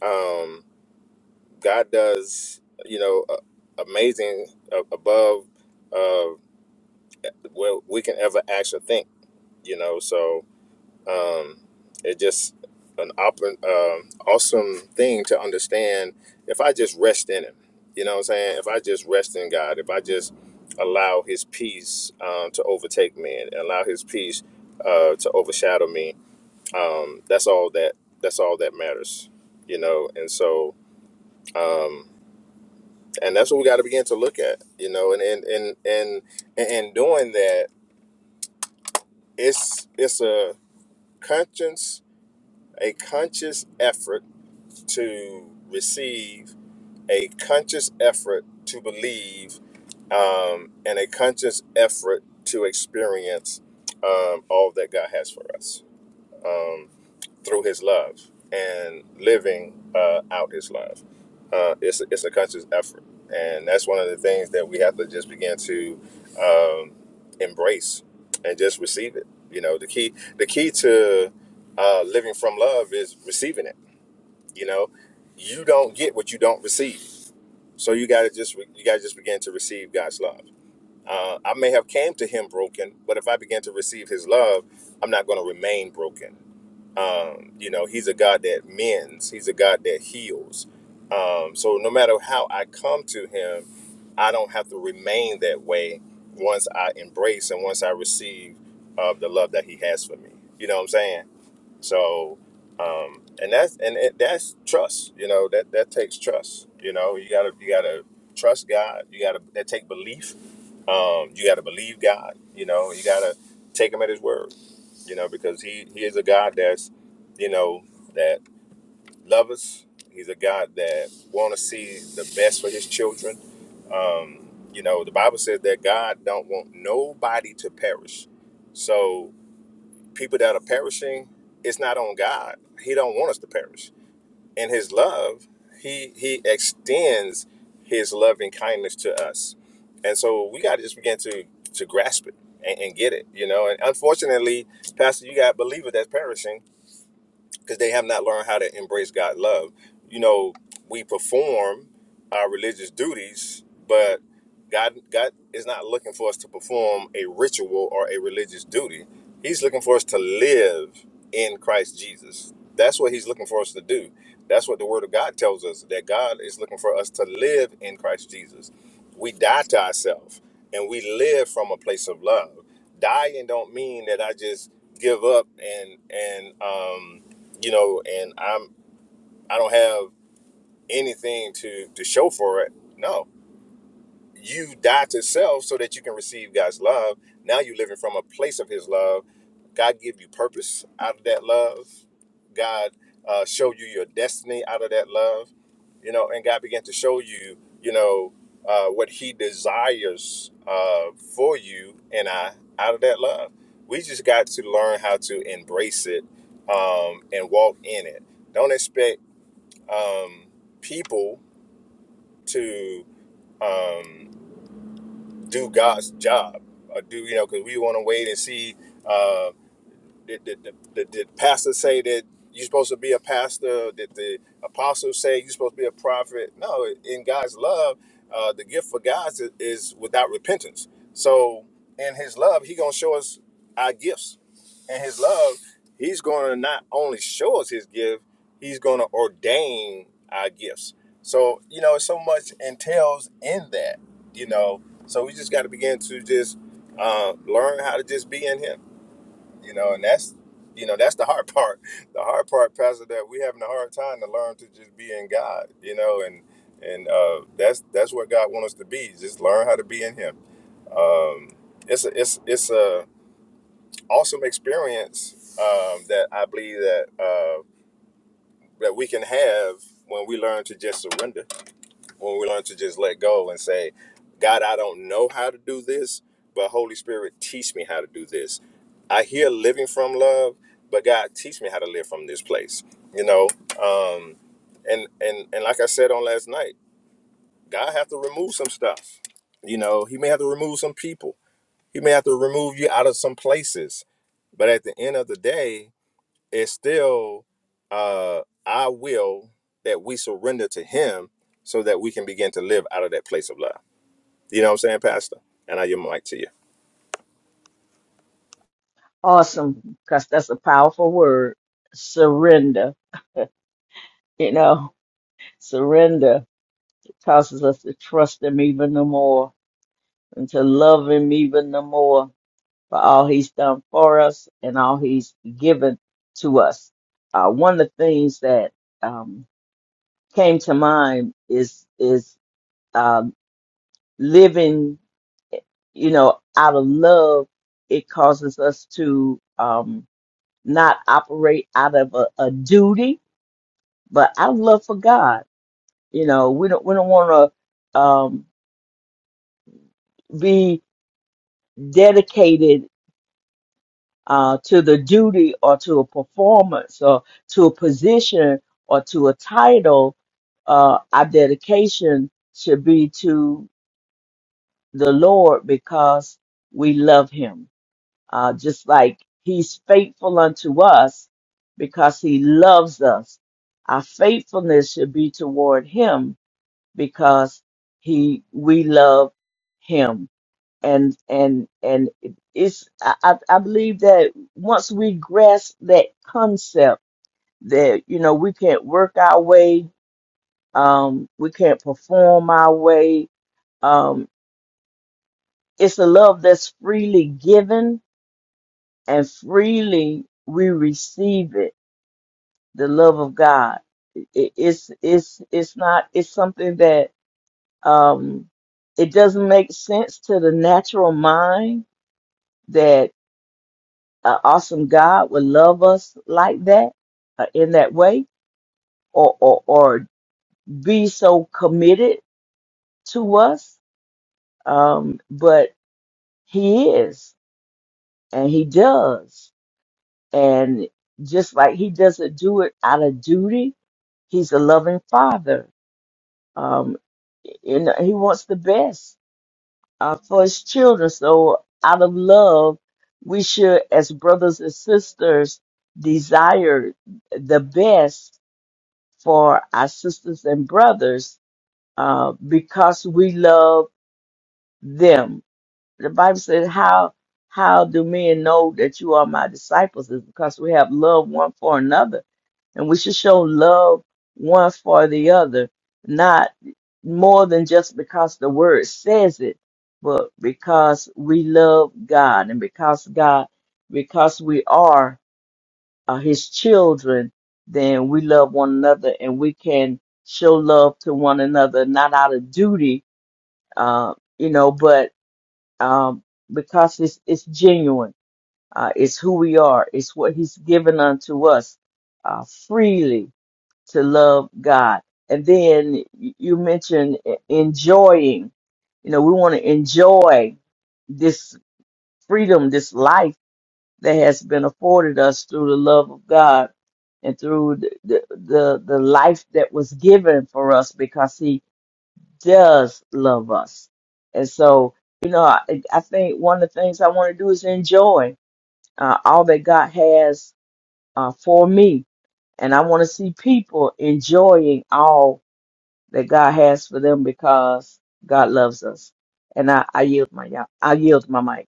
A: Um, God does, you know, uh, amazing uh, above uh, what we can ever actually think, you know. So um, it's just an op- um awesome thing to understand if I just rest in Him, you know what I'm saying? If I just rest in God, if I just allow His peace um, to overtake me and allow His peace uh, to overshadow me, um, that's all that that's all that matters, you know. And so. Um, and that's what we got to begin to look at you know and and and and and and doing that it's it's a conscious a conscious effort to receive a conscious effort to believe um, and a conscious effort to experience um, all that god has for us Um, through His love and living uh, out His love. Uh, it's it's a conscious effort, and that's one of the things that we have to just begin to um, embrace and just receive it. You know, the key the key to uh, living from love is receiving it. You know, you don't get what you don't receive, so you gotta just re- you gotta just begin to receive God's love. Uh, I may have came to Him broken, but if I begin to receive His love, I'm not going to remain broken um, you know, he's a God that mends, he's a God that heals. Um, so no matter how I come to him, I don't have to remain that way once I embrace and once I receive of the love that he has for me. You know what I'm saying? So, um, and that's and it, that's trust. You know that that takes trust. You know you gotta you gotta trust God. You gotta that take belief. Um, you gotta believe God. You know you gotta take Him at His word. You know because He He is a God that's you know that loves us. He's a God that want to see the best for His children. Um, you know the Bible says that God don't want nobody to perish. So people that are perishing it's not on god he don't want us to perish in his love he he extends his loving kindness to us and so we got to just begin to to grasp it and, and get it you know and unfortunately pastor you got believers that's perishing because they have not learned how to embrace god's love you know we perform our religious duties but God God is not looking for us to perform a ritual or a religious duty. He's looking for us to live in Christ Jesus. That's what he's looking for us to do. That's what the word of God tells us that God is looking for us to live in Christ Jesus. We die to ourselves and we live from a place of love. Dying don't mean that I just give up and and um you know and I'm I don't have anything to to show for it. No you die to self so that you can receive God's love. Now you're living from a place of His love. God give you purpose out of that love. God uh, show you your destiny out of that love. You know, and God began to show you, you know, uh, what He desires uh, for you and I out of that love. We just got to learn how to embrace it um, and walk in it. Don't expect um, people to. Um, do God's job, or do you know? Because we want to wait and see. Uh, did, did, did, did, pastors say that you're supposed to be a pastor? Did the apostles say you're supposed to be a prophet? No, in God's love, uh, the gift for God is, is without repentance. So in His love, He gonna show us our gifts. In His love, He's gonna not only show us His gift, He's gonna ordain our gifts. So you know, so much entails in that. You know, so we just got to begin to just uh, learn how to just be in Him you know and that's you know that's the hard part the hard part pastor that we having a hard time to learn to just be in god you know and and uh that's that's what god wants us to be just learn how to be in him it's a, it's it's a awesome experience um that i believe that uh that we can have when we learn to just surrender when we learn to just let go and say, God, I don't know how to do this, but Holy Spirit, teach me how to do this. I hear living from love, but God, teach me how to live from this place. You know, um, and and and like I said on last night, God have to remove some stuff. You know, He may have to remove some people. He may have to remove you out of some places. But at the end of the day, it's still uh, our will that we surrender to Him, so that we can begin to live out of that place of love you know what I'm saying, Pastor? And I give my mic to you.
B: awesome because that's a powerful word surrender you know surrender causes us to trust him even the more and to love him even the more for all he's done for us and all he's given to us uh, one of the things that um, came to mind is is um, living, you know, out of love. It causes us to um, not operate out of a, a duty, but out of love for God. You know, we don't we don't want to um, be dedicated uh, to the duty or to a performance or to a position or to a title. Uh, our dedication should be to the Lord because we love him. Uh, just like he's faithful unto us because he loves us. Our faithfulness should be toward him because he, we love him. And, and, and it's, I, I I believe that once we grasp that concept that, you know, we can't work our way, um, we can't perform our way, um, it's a love that's freely given and freely we receive it the love of god it, it's it's it's not it's something that um it doesn't make sense to the natural mind that an awesome god would love us like that uh, in that way or, or or be so committed to us um but he is and he does and just like he doesn't do it out of duty He's a loving father. Um, and he wants the best uh, for his children. So, out of love, we should, as brothers and sisters, desire the best for our sisters and brothers uh, because we love them. The Bible says, "How how do men know that you are my disciples? Is because we have love one for another." and we should show love one for the other, not more than just because the word says it, but because we love God and because God, because we are uh, His children, then we love one another and we can show love to one another, not out of duty, uh, you know, but um, because it's it's genuine. Uh, it's who we are. It's what He's given unto us uh, freely to love God. And then you mentioned e- enjoying. You know, we want to enjoy this freedom, this life that has been afforded us through the love of God and through the, the, the, the life that was given for us because He does love us. And so, you know, I, I think one of the things I want to do is enjoy uh, all that God has uh, for me. And I want to see people enjoying all that God has for them because God loves us. And I, I yield my I yield my mic.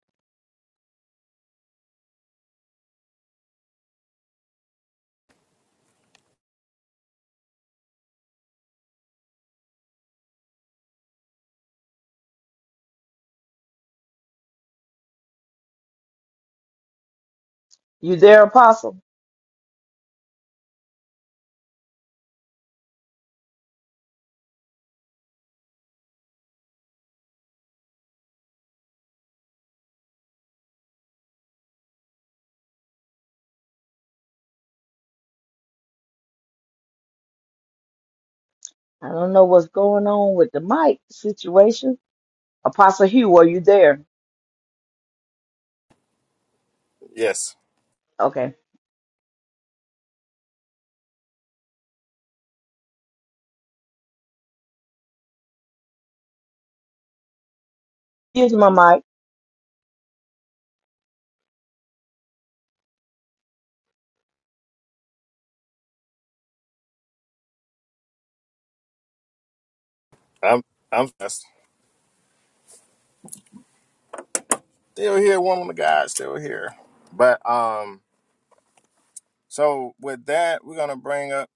B: You there, Apostle? I don't know what's going on with the mic situation. Apostle Hugh, are you there?
A: Yes,
B: Okay. Here's my mic.
A: I'm. I'm still here. One of the guys still here. But um, so with that, we're gonna bring up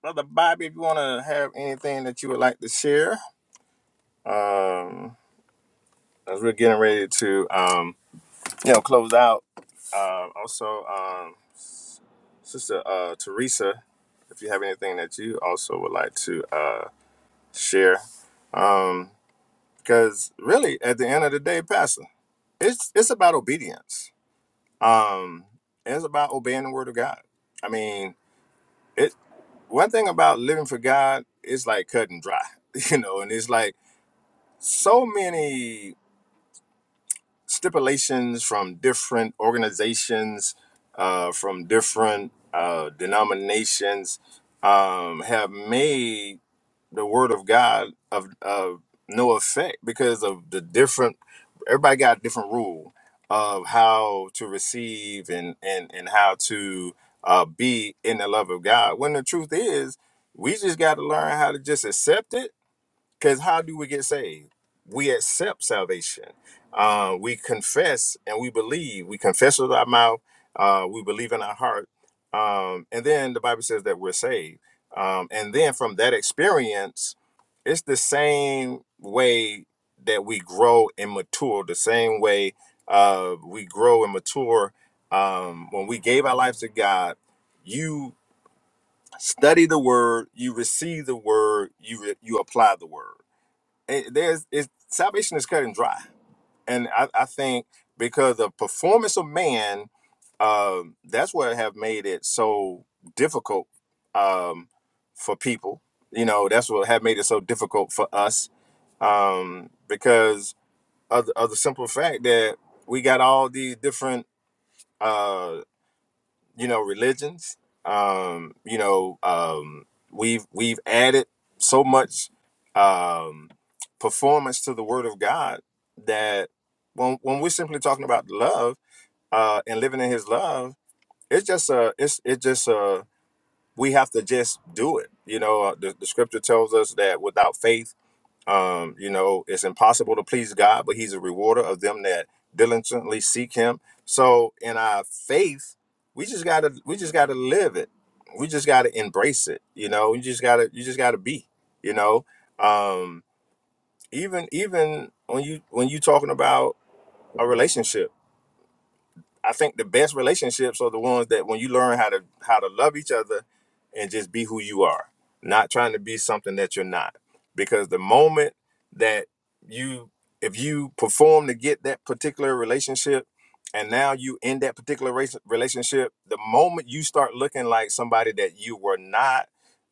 A: brother Bobby. If you wanna have anything that you would like to share, um, as we're getting ready to um, you know, close out. Um, also, um, sister uh Teresa, if you have anything that you also would like to uh share, um, because really at the end of the day, Pastor. it's it's about obedience. Um, it's about obeying the word of God. I mean, it one thing about living for God is like cut and dry, you know, and it's like so many stipulations from different organizations, uh, from different uh, denominations, um, have made the word of God of of no effect because of the different everybody got a different rule of how to receive and and and how to uh, be in the love of God. When the truth is, we just got to learn how to just accept it because how do we get saved? We accept salvation. Uh, we confess and we believe. We confess with our mouth. Uh, we believe in our heart. Um, and then the Bible says that we're saved. Um, and then from that experience, it's the same way that we grow and mature, the same way uh, we grow and mature. Um, when we gave our lives to God, you study the word, you receive the word, you, re- you apply the word it, there's it's salvation is cut and dry and i, I think because the performance of man um, that's what have made it so difficult um, for people you know that's what have made it so difficult for us um, because of, the- of the simple fact that we got all these different uh, you know religions um you know um we've we've added so much um performance to the word of god that when when we're simply talking about love uh and living in his love it's just a it's it just a we have to just do it you know uh, the, the scripture tells us that without faith um, you know, it's impossible to please God, but He's a rewarder of them that diligently seek Him. So in our faith, we just gotta we just gotta live it. We just gotta embrace it. You know, you just gotta you just gotta be. You know, um, even even when you when you talking about a relationship I think the best relationships are the ones that when you learn how to how to love each other and just be who you are, not trying to be something that you're not. Because the moment that you if you perform to get that particular relationship and now you in that particular race, relationship, the moment you start looking like somebody that you were not,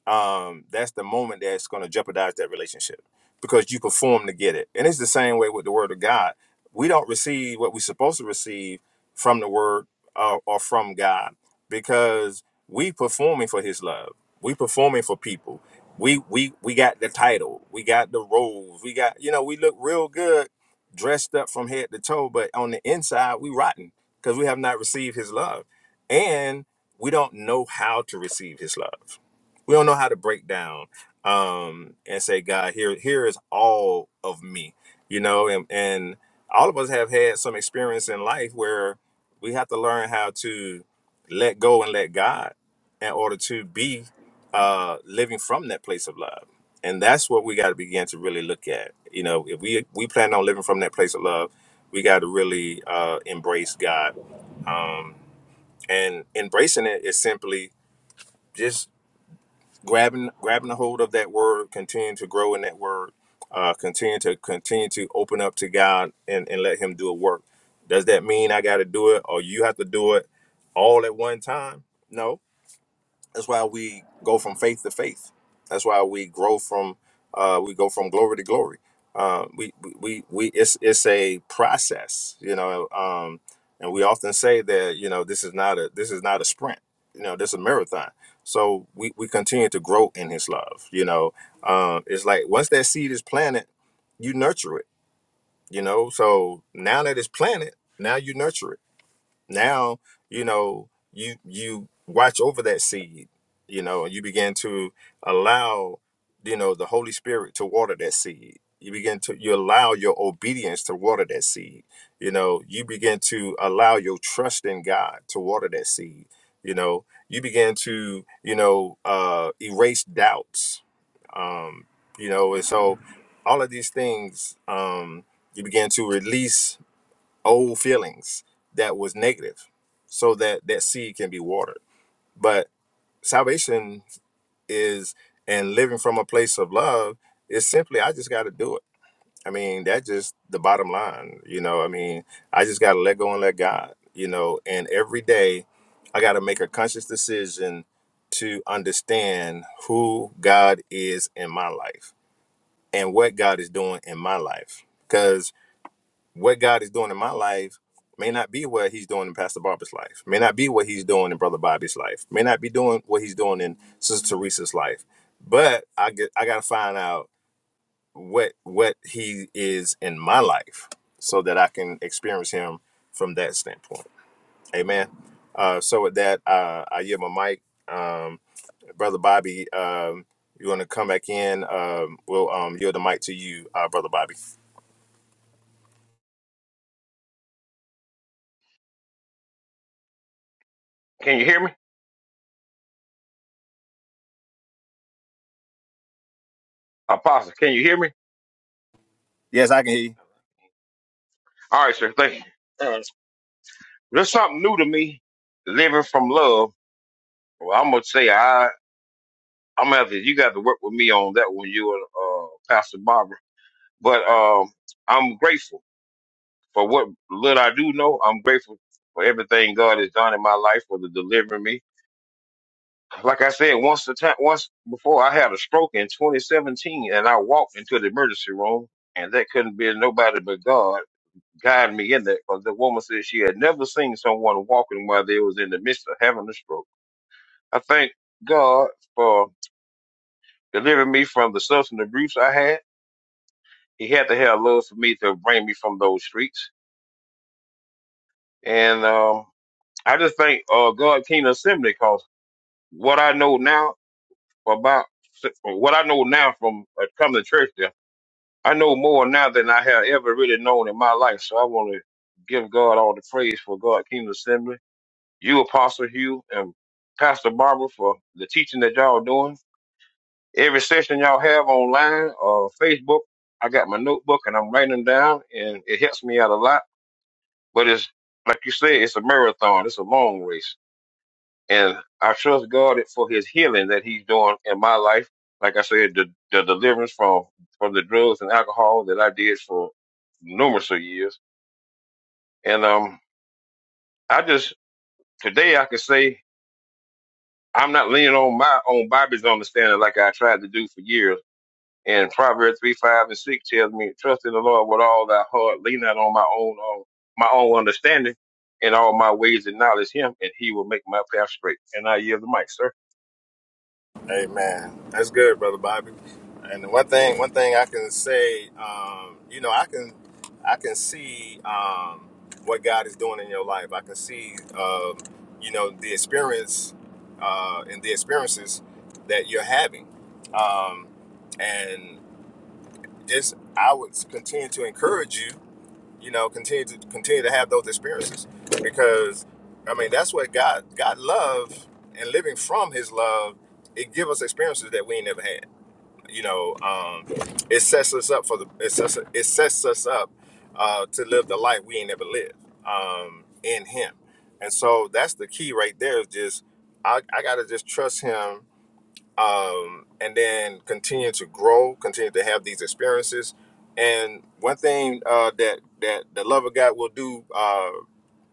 A: um, that's the moment that's going to jeopardize that relationship because you perform to get it. And it's the same way with the word of God. We don't receive what we're supposed to receive from the word uh, or from God because we performing for his love. We performing for people. We we we got the title. We got the roles. We got you know, we look real good dressed up from head to toe, but on the inside we rotten because we have not received his love. And we don't know how to receive his love. We don't know how to break down um and say, God, here here is all of me. You know, and and all of us have had some experience in life where we have to learn how to let go and let God in order to be uh, living from that place of love. And that's what we got to begin to really look at. You know, if we we plan on living from that place of love, we got to really uh, embrace God. Um, and embracing it is simply just grabbing grabbing a hold of that word, continue to grow in that word, uh, continue to continue to open up to God and, and let Him do a work. Does that mean I got to do it or you have to do it all at one time? No, that's why we go from faith to faith. That's why we grow from uh, we go from glory to glory. Uh, we, we we we it's it's a process, you know. Um, and we often say that you know this is not a this is not a sprint. You know, this is a marathon. So we we continue to grow in His love. You know, um, it's like once that seed is planted, you nurture it. You know, so now that it's planted, now you nurture it now you know you you watch over that seed you know and you begin to allow you know the holy spirit to water that seed you begin to you allow your obedience to water that seed you know you begin to allow your trust in god to water that seed you know you begin to you know uh erase doubts um you know and so all of these things um you begin to release old feelings that was negative so that that seed can be watered but salvation is and living from a place of love is simply i just got to do it i mean that's just the bottom line you know i mean i just got to let go and let god you know and every day i got to make a conscious decision to understand who god is in my life and what god is doing in my life because what God is doing in my life may not be what he's doing in Pastor Barbara's life, may not be what he's doing in Brother Bobby's life, may not be doing what he's doing in Sister Teresa's life. But I get I gotta find out what what he is in my life so that I can experience him from that standpoint. Amen. Uh, so with that, uh, I yield my mic. Um, Brother Bobby, um, you want to come back in? Um, we'll um, yield the mic to you, uh, Brother Bobby.
C: Can you hear me? Apostle, can you hear me?
A: Yes, I can hear you.
C: All right, sir. Thank you. Uh, There's something new to me, living from love. Well, I'm gonna say I I'm gonna have to you got to work with me on that one, you and uh Pastor Barbara. But um I'm grateful for what little I do know. I'm grateful for everything God has done in my life for the delivering me. Like I said, once the time once before I had a stroke in twenty seventeen and I walked into the emergency room and that couldn't be nobody but God guide me in that because the woman said she had never seen someone walking while they was in the midst of having a stroke. I thank God for delivering me from the substance abuse I had. He had to have love for me to bring me from those streets. And um, I just thank uh, God Kingdom Assembly because what I know now about what I know now from uh, coming to church there, I know more now than I have ever really known in my life. So I want to give God all the praise for God Kingdom Assembly you, Apostle Hugh, and Pastor Barbara for the teaching that y'all doing. Every session y'all have online or Facebook, I got my notebook and I'm writing them down, and it helps me out a lot. But it's like you said, it's a marathon, it's a long race, and I trust God for His healing that He's doing in my life. Like I said, the, the deliverance from from the drugs and alcohol that I did for numerous of years, and um, I just today I can say. I'm not leaning on my own Bible's understanding like I tried to do for years. And Proverbs three, five, and six tells me, "Trust in the Lord with all thy heart; lean not on my own, own my own understanding, and all my ways acknowledge Him, and He will make my path straight." And I yield the mic, sir.
A: Hey man, that's good, brother Bobby. And one thing, one thing I can say, um, you know, I can, I can see um, what God is doing in your life. I can see, um, you know, the experience uh, and the experiences that you're having, um, and just I would continue to encourage you you know continue to continue to have those experiences because i mean that's what god god love and living from his love it gives us experiences that we ain't never had you know um it sets us up for the it sets, it sets us up uh to live the life we ain't never lived um in him and so that's the key right there is just i i gotta just trust him um, and then continue to grow, continue to have these experiences. And one thing uh, that that the love of God will do, uh,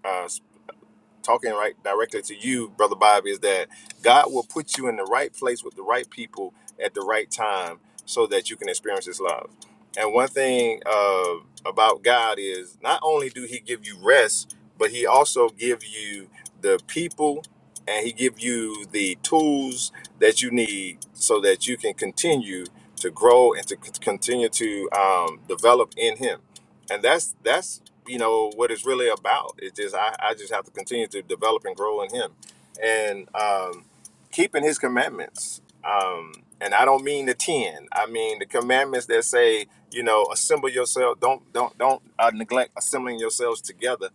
A: uh, talking right directly to you, brother Bob, is that God will put you in the right place with the right people at the right time, so that you can experience His love. And one thing uh, about God is not only do He give you rest, but He also give you the people, and He give you the tools that you need so that you can continue to grow and to c- continue to um, develop in Him and that's that's you know what it's really about it's just I, I just have to continue to develop and grow in him and um, keeping his commandments um, and i don't mean the 10 i mean the commandments that say you know assemble yourself don't don't don't uh, neglect assembling yourselves together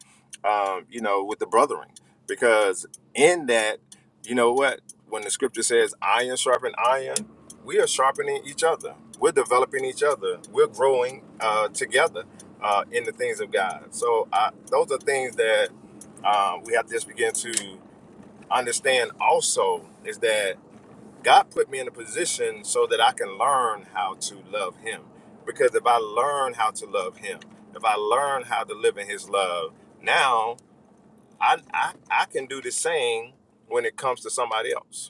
A: um, you know with the brethren because in that you know what when the scripture says iron sharpen iron we are sharpening each other. We're developing each other. We're growing uh, together uh, in the things of God. So I, those are things that uh, we have to just begin to understand. Also, is that God put me in a position so that I can learn how to love Him. Because if I learn how to love Him, if I learn how to live in His love, now I I, I can do the same when it comes to somebody else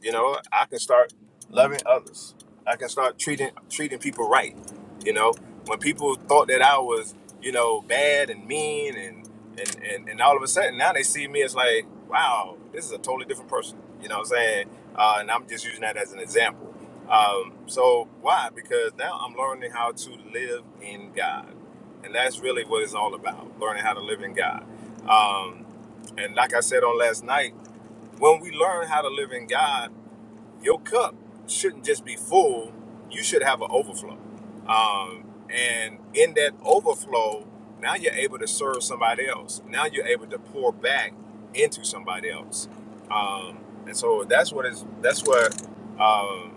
A: you know, I can start loving others. I can start treating treating people right. You know, when people thought that I was, you know, bad and mean and and and, and all of a sudden now they see me as like, wow, this is a totally different person. You know what I'm saying? Uh, and I'm just using that as an example. Um, so why? Because now I'm learning how to live in God, and that's really what it's all about: learning how to live in God. Um, and like I said on last night, when we learn how to live in God your cup shouldn't just be full you should have an overflow um, and in that overflow now you're able to serve somebody else now you're able to pour back into somebody else um, and so that's what is that's what um,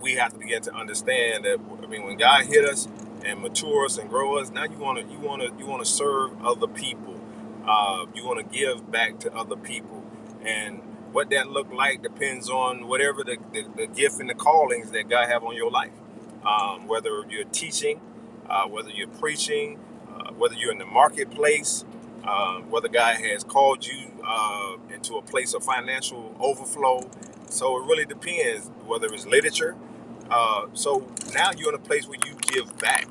A: we have to begin to understand that I mean when God hit us and mature us and grow us, now you wanna you wanna you wanna serve other people. Uh, you wanna give back to other people. And what that look like depends on whatever the, the, the gift and the callings that God have on your life. Um, whether you're teaching, uh, whether you're preaching, uh, whether you're in the marketplace, uh, whether God has called you uh, into a place of financial overflow. So it really depends whether it's literature, uh, so now you're in a place where you give back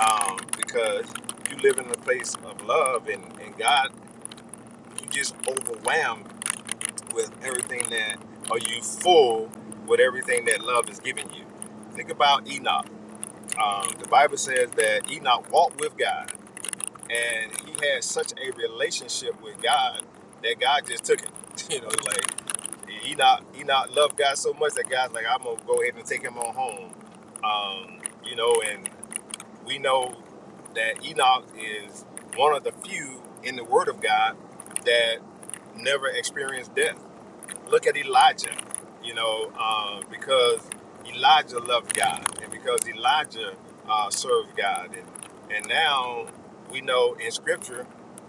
A: um, because you live in a place of love and, and God, you just overwhelmed with everything that, or you full with everything that love is giving you. Think about Enoch. Um, the Bible says that Enoch walked with God and he had such a relationship with God that God just took it. You know, like Enoch, Enoch loved God so much that God's like, I'm gonna go ahead and take him on home. Um, you know, and we know that Enoch is one of the few in the Word of God that never experienced death. Look at Elijah, you know, um, because Elijah loved God, and because Elijah uh, served God, and and now we know in Scripture,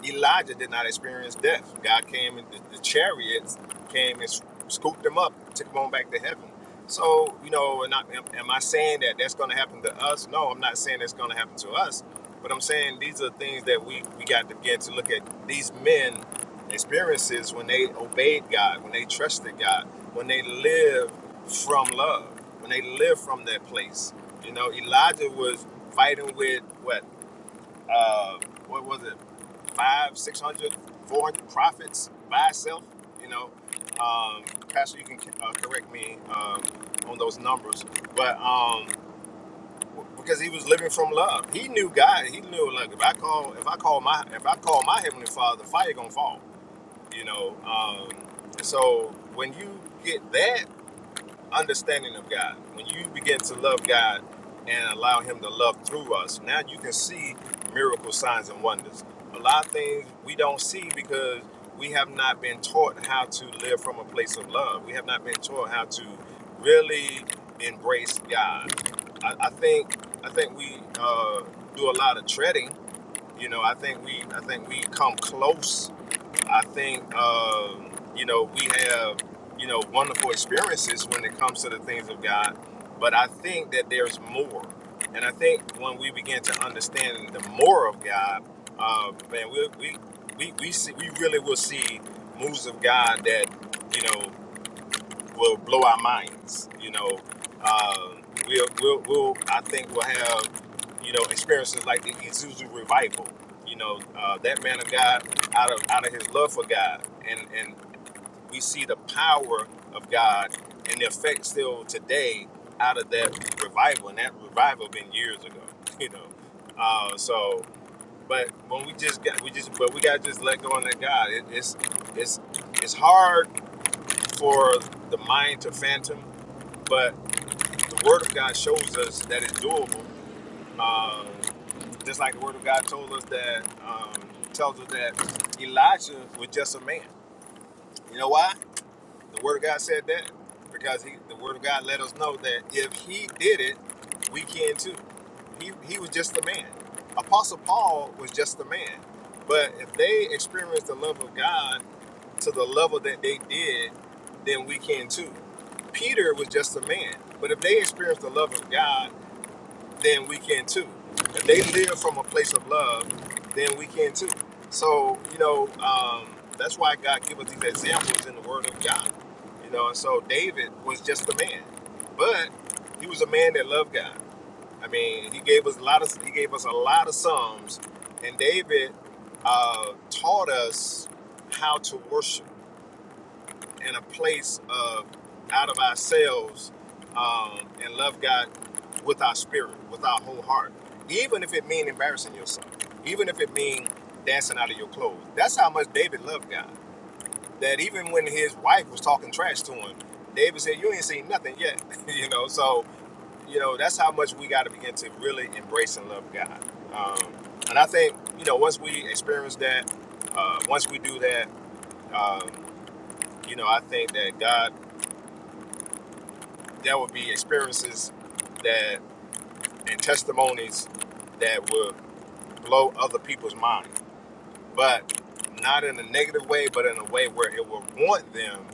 A: Elijah did not experience death. God came, and the, the chariots came and scooped him up, took him on back to heaven. So you know, and I, am, am I saying that that's going to happen to us? No, I'm not saying that's going to happen to us. But I'm saying these are things that we we got to begin to look at these men experiences when they obeyed God, when they trusted God, when they lived from love when they live from that place. You know, Elijah was fighting with what, uh, what was it, five, six hundred, four hundred prophets by itself. You know, um, Pastor, you can uh, correct me um, on those numbers, but um, w- because he was living from love, he knew God. He knew, like, if I call, if I call my, if I call my heavenly Father, fire gonna fall. You know, um, so when you get that understanding of God. When you begin to love God and allow Him to love through us, now you can see miracle signs and wonders. A lot of things we don't see because we have not been taught how to live from a place of love. We have not been taught how to really embrace God. I, I think I think we uh, do a lot of treading. You know, I think we I think we come close I think um, you know we have you know wonderful experiences when it comes to the things of God, but I think that there's more, and I think when we begin to understand the more of God, uh, man, we we we we, see, we really will see moves of God that you know will blow our minds. You know, Um we'll, we'll, we'll, I think we'll have, you know, experiences like the Isuzu revival. You know, uh, that man of God, out of out of his love for God, and and we see the power of God and the effect still today out of that revival, and that revival been years ago. You know, uh, so. But when we just got, we just, but we got to just let go and let God. It, it's, it's, it's hard for the mind to phantom but the Word of God shows us that it's doable. Um, just like the Word of God told us that um, tells us that Elijah was just a man. You know why? The Word of God said that because he, the Word of God let us know that if he did it, we can too. He he was just a man. Apostle Paul was just a man. But if they experienced the love of God to the level that they did, then we can too. Peter was just a man, but if they experience the love of God, then we can too. If they live from a place of love, then we can too. So you know um, that's why God gives us these examples in the Word of God. You know, and so David was just a man, but he was a man that loved God. I mean, he gave us a lot of he gave us a lot of psalms, and David uh, taught us how to worship in a place of out of ourselves um, and love God with our spirit, with our whole heart. Even if it means embarrassing yourself, even if it means dancing out of your clothes. That's how much David loved God. That even when his wife was talking trash to him, David said, "You ain't seen nothing yet." you know, so you know that's how much we got to begin to really embrace and love God. Um, and I think you know once we experience that, uh, once we do that, um, you know, I think that God There will be experiences that and testimonies that will blow other people's mind, but not in a negative way, but in a way where it will want them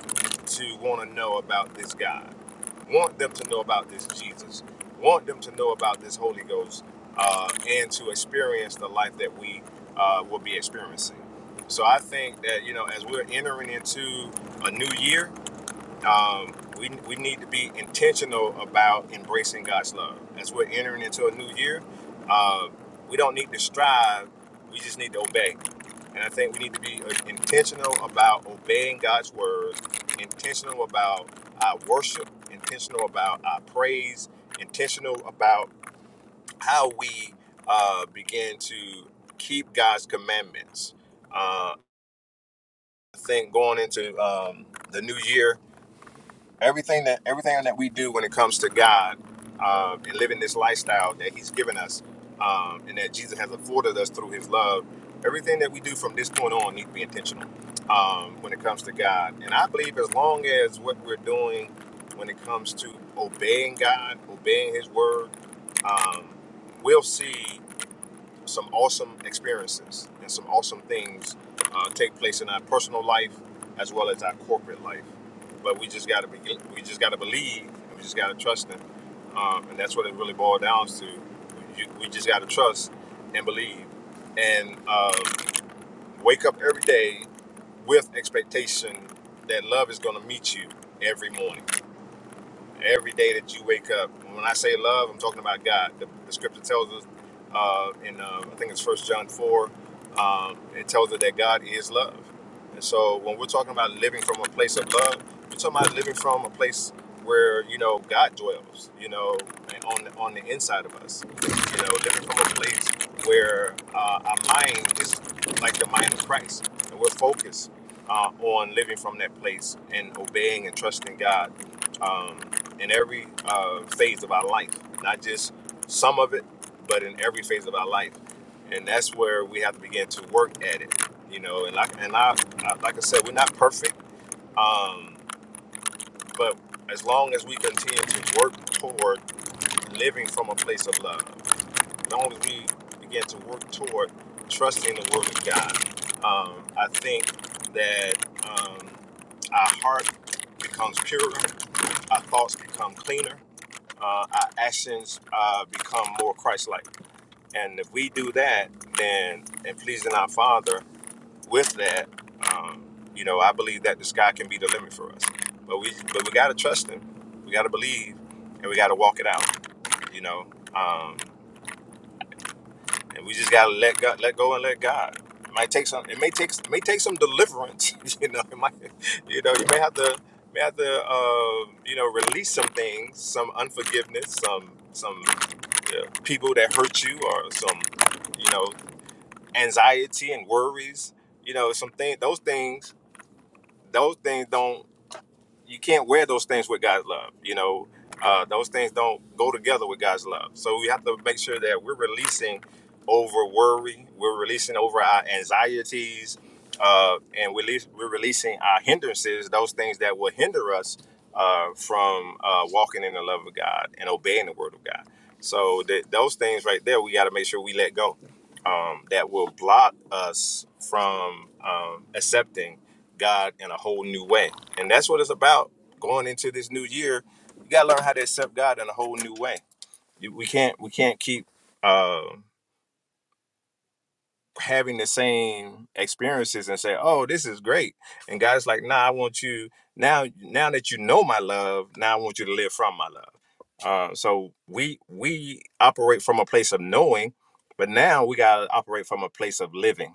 A: to want to know about this God, want them to know about this Jesus, want them to know about this Holy Ghost, uh, and to experience the life that we uh, will be experiencing. So I think that you know, as we're entering into a new year, um, we, we need to be intentional about embracing God's love. As we're entering into a new year, uh, we don't need to strive, we just need to obey. And I think we need to be uh, intentional about obeying God's word, intentional about our worship, intentional about our praise, intentional about how we uh, begin to keep God's commandments. Uh, I think going into um, the new year, everything that everything that we do when it comes to God uh, and living this lifestyle that He's given us, um, and that Jesus has afforded us through His love, everything that we do from this point on needs to be intentional um, when it comes to God. And I believe as long as what we're doing when it comes to obeying God, obeying His word, um, we'll see some awesome experiences and some awesome things uh, take place in our personal life as well as our corporate life. But we just got to be, we just got to believe, and we just got to trust Him, um, and that's what it really boils down to. You- We just got to trust and believe, and uh, wake up every day with expectation that love is going to meet you every morning every day that you wake up. And When I say love, I'm talking about God. The, the scripture tells us uh, in uh, I think it's First John four. Um, it tells us that God is love, and so when we're talking about living from a place of love, we're talking about living from a place where you know God dwells, you know, and on the, on the inside of us, you know, living from a place where uh, our mind is like the mind of Christ, and we're focused uh, on living from that place and obeying and trusting God. Um, in every uh, phase of our life, not just some of it, but in every phase of our life. And that's where we have to begin to work at it, you know. And like and I, I like I said, we're not perfect, um, but as long as we continue to work toward living from a place of love, as long as we begin to work toward trusting the Word of God, um, I think that um, our heart becomes purer, our thoughts become cleaner uh, our actions uh, become more Christ-like. And if we do that, then and pleasing our Father with that, um, you know, I believe that the sky can be the limit for us. But we, but we got to trust Him. We got to believe, and we got to walk it out. You know, um, and we just gotta let God, let go and let God. It might take some. It may take. It may take some deliverance. You know. It might. You know. You may have to. May have to. Uh, you know, release some things, some unforgiveness, some some you know, people that hurt you, or some you know anxiety and worries. You know, some things. Those things. Those things don't you can't wear those things with God's love. You know, uh, those things don't go together with God's love. So we have to make sure that we're releasing over worry, we're releasing over our anxieties, uh, and we're, releas- we're releasing our hindrances, those things that will hinder us uh, from uh, walking in the love of God and obeying the word of God. So th- those things right there, we got to make sure we let go. Um, that will block us from um, accepting God in a whole new way. And that's what it's about. Going into this new year, you gotta learn how to accept God in a whole new way. You- We can't we can't keep uh, having the same experiences and say, "Oh, this is great," and God's like, "Nah, I want you now. Now that you know my love, now I want you to live from my love." Uh, so we we operate from a place of knowing, but now we gotta operate from a place of living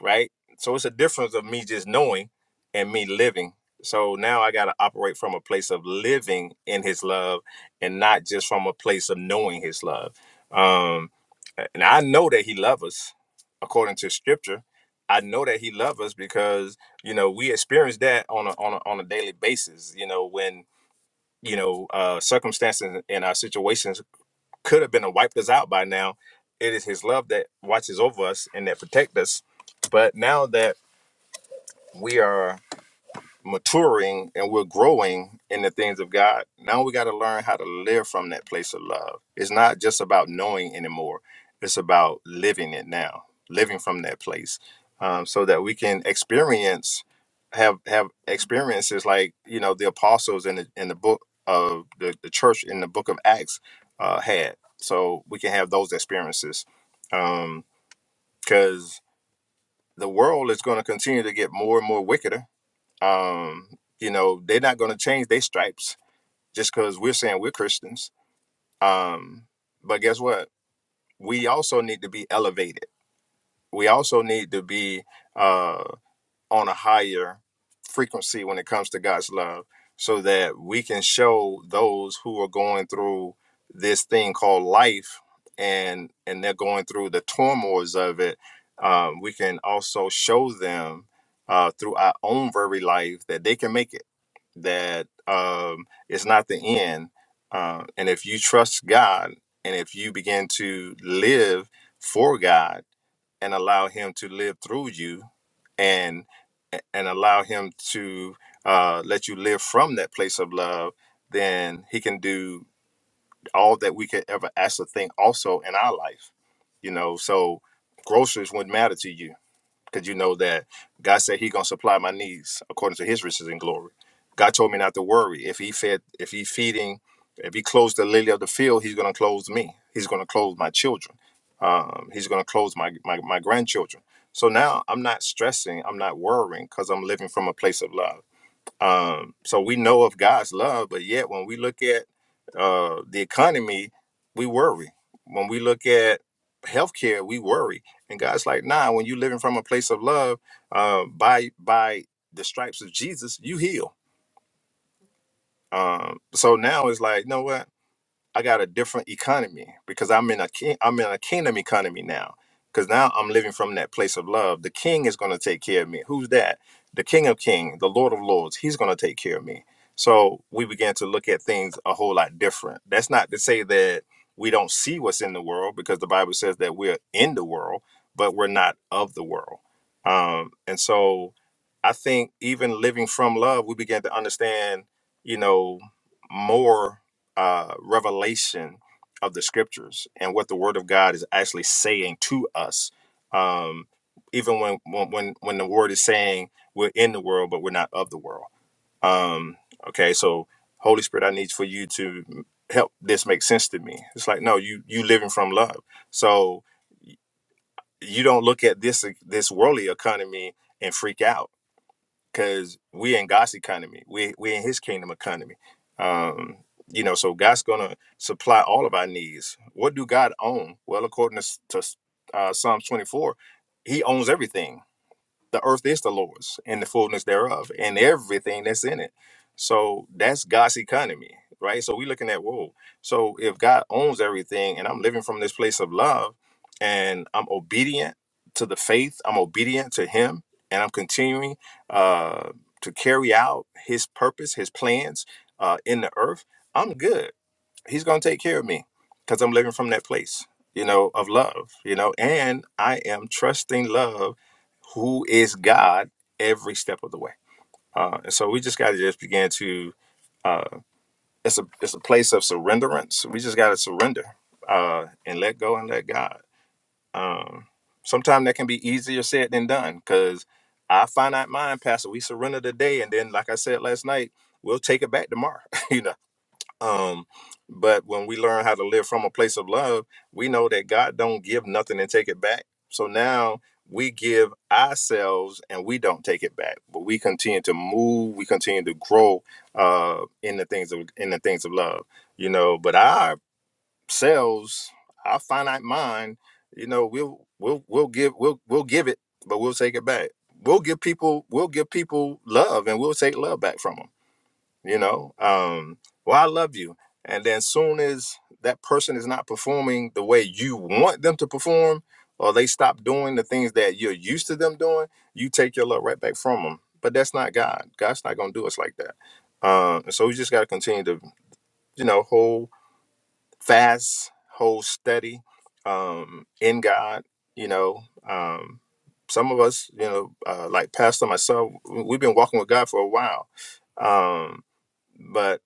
A: right? So it's a difference of me just knowing and me living. So now I got to operate from a place of living in His love and not just from a place of knowing His love. Um, and I know that He loves us according to Scripture. I know that He loves us because you know we experience that on a on a, on a daily basis. You know when you know uh, circumstances and our situations could have been a wiped us out by now. It is His love that watches over us and that protect us. But now that we are maturing and we're growing in the things of God, now we got to learn how to live from that place of love. It's not just about knowing anymore, it's about living it now, living from that place um, so that we can experience, have have experiences like, you know, the apostles in the, in the book of the, the church in the book of Acts uh, had. So we can have those experiences because the world is going to continue to get more and more wickeder um, you know, they're not going to change their stripes just because we're saying we're Christians. Um, but guess what? We also need to be elevated. We also need to be uh, on a higher frequency when it comes to God's love so that we can show those who are going through this thing called life and and they're going through the turmoils of it um, we can also show them uh, through our own very life that they can make it that um, it's not the end. Uh, and if you trust God and if you begin to live for God and allow Him to live through you and and allow Him to uh, let you live from that place of love, then He can do all that we could ever ask or think also in our life. You know, so groceries wouldn't matter to you because you know that God said He gonna supply my needs according to His riches and glory. God told me not to worry. If He fed, if He feeding, if He clothes the lily of the field, He's gonna clothe me. He's gonna clothe my children. Um, he's gonna clothe my, my my grandchildren. So now I'm not stressing. I'm not worrying because I'm living from a place of love. Um, so we know of God's love, but yet when we look at uh, the economy, we worry. When we look at healthcare, we worry. And God's like, nah, when you're living from a place of love, uh, by by the stripes of Jesus, you heal. Um, so now it's like, no, what? I got a different economy because I'm in a king, I'm in a kingdom economy now. Because now I'm living from that place of love. The King is going to take care of me. Who's that? The King of Kings, the Lord of Lords. He's going to take care of me. So we began to look at things a whole lot different. That's not to say that we don't see what's in the world, because the Bible says that we're in the world, but we're not of the world. Um, and so I think even living from love, we began to understand, you know, more uh, revelation of the scriptures and what the word of God is actually saying to us. Um, even when, when when the word is saying we're in the world but we're not of the world. Um, okay, so Holy Spirit, I need for you to help this make sense to me. It's like no, you you living from love, so you don't look at this this worldly economy and freak out because we in God's economy. We we in His kingdom economy. Um, you know, so God's gonna supply all of our needs. What do God own? Well, according to, s- to s- uh, Psalms twenty four, He owns everything the earth is the Lord's and the fullness thereof and everything that's in it. So that's God's economy, right? So we're looking at, whoa. So if God owns everything and I'm living from this place of love and I'm obedient to the faith, I'm obedient to Him, and I'm continuing uh, to carry out His purpose, His plans uh, in the earth, I'm good he's going to take care of me because I'm living from that place, you know, of love, you know, and I am trusting love, who is God, every step of the way. Uh, and so we just got to just begin to, uh, it's a it's a place of surrenderance. We just got to surrender uh, and let go and let God. Um, Sometimes that can be easier said than done because our finite mind, Pastor, we surrender today. And then, like I said last night, we'll take it back tomorrow, you know um, but when we learn how to live from a place of love, we know that God don't give nothing and take it back. So now we give ourselves and we don't take it back, but we continue to move, we continue to grow uh, in the things of in the things of love, you know. But ourselves, our finite mind, you know, we'll we'll we'll give we'll we'll give it, but we'll take it back. We'll give people we'll give people love and we'll take love back from them you know um well i love you and then soon as that person is not performing the way you want them to perform or they stop doing the things that you're used to them doing you take your love right back from them but that's not god god's not going to do us like that um and so we just got to continue to you know hold fast hold steady um in god you know um some of us you know uh, like pastor myself we- we've been walking with god for a while um but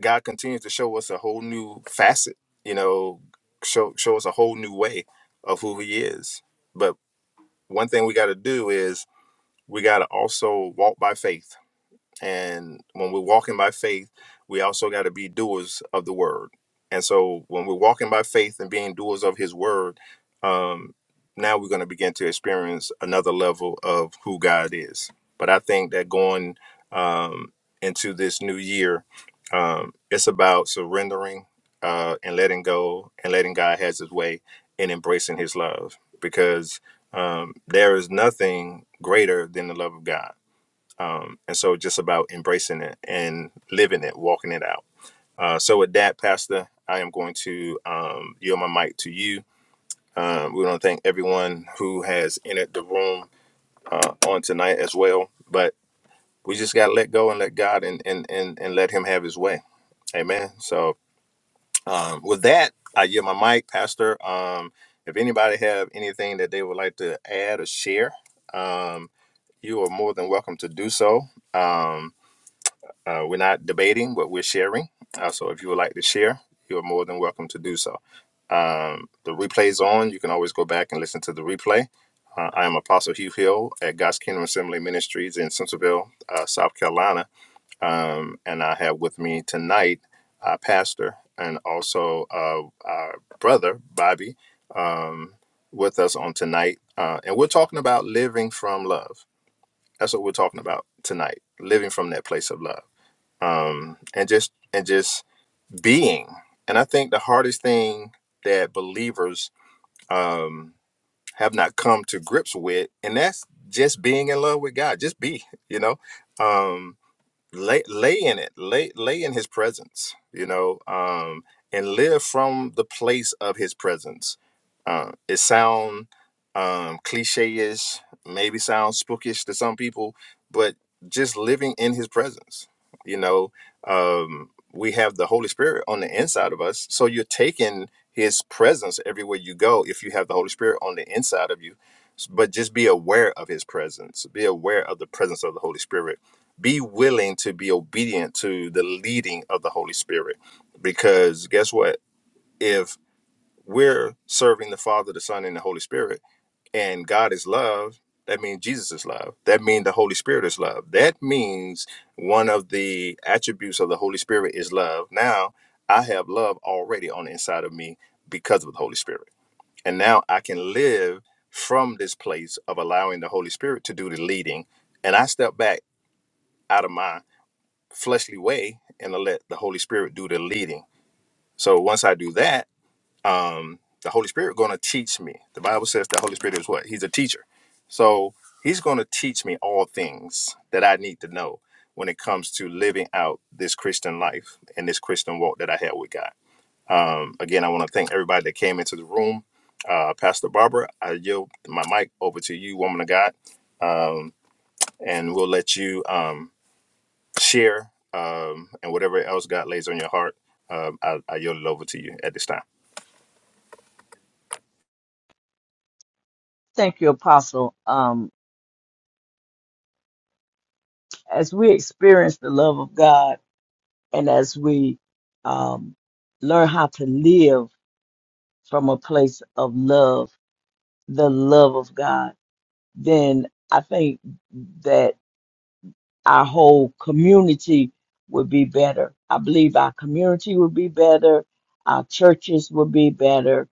A: God continues to show us a whole new facet, you know, show show us a whole new way of who he is. But one thing we got to do is we got to also walk by faith and when we're walking by faith, we also got to be doers of the word. And so when we're walking by faith and being doers of his word, um, now we're going to begin to experience another level of who God is. But I think that going um, into this new year, um, it's about surrendering uh, and letting go and letting God has his way and embracing his love because um, there is nothing greater than the love of God um, and so just about embracing it and living it, walking it out. Uh, so with that, Pastor, I am going to um, yield my mic to you. Um, we want to thank everyone who has entered the room uh, on tonight as well. But we just got to let go and let God and, and, and, and let him have his way. Amen. So um, with that, I yield my mic, Pastor. Um, if anybody have anything that they would like to add or share, um, you are more than welcome to do so. Um, Uh, we're not debating, but we're sharing. Uh, so if you would like to share, you're more than welcome to do so. Um, the replay's on. You can always go back and listen to the replay. Uh, I am Apostle Hugh Hill at God's Kingdom Assembly Ministries in Centerville, uh, South Carolina. Um, and I have with me tonight our Pastor and also uh, our brother, Bobby, um, with us on tonight. Uh, and we're talking about living from love. That's what we're talking about tonight, living from that place of love um, and just and just being. And I think the hardest thing that believers um, have not come to grips with, and that's just being in love with God. Just be, you know. Um, lay lay in it lay lay in his presence you know um and live from the place of his presence uh, it sound um cliche-ish maybe sounds spookish to some people but just living in his presence you know um we have the holy spirit on the inside of us so you're taking his presence everywhere you go if you have the holy spirit on the inside of you but just be aware of his presence be aware of the presence of the holy spirit be willing to be obedient to the leading of the Holy Spirit. Because guess what? If we're serving the Father, the Son, and the Holy Spirit, and God is love, that means Jesus is love. That means the Holy Spirit is love. That means one of the attributes of the Holy Spirit is love. Now I have love already on the inside of me because of the Holy Spirit. And now I can live from this place of allowing the Holy Spirit to do the leading. And I step back out of my fleshly way and to let the Holy Spirit do the leading. So once I do that, um, the Holy Spirit going to teach me. The Bible says the Holy Spirit is what? He's a teacher. So he's going to teach me all things that I need to know when it comes to living out this Christian life and this Christian walk that I have with God. Um, again, I want to thank everybody that came into the room. Uh, Pastor Barbara, I yield my mic over to you, woman of God, um, and we'll let you. um, share, um, and whatever else God lays on your heart, um, I, I yield it over to you at this time.
B: Thank you, Apostle. Um, as we experience the love of God and as we um, learn how to live from a place of love, the love of God, then I think our whole community would be better. I believe our community would be better, our churches would be better,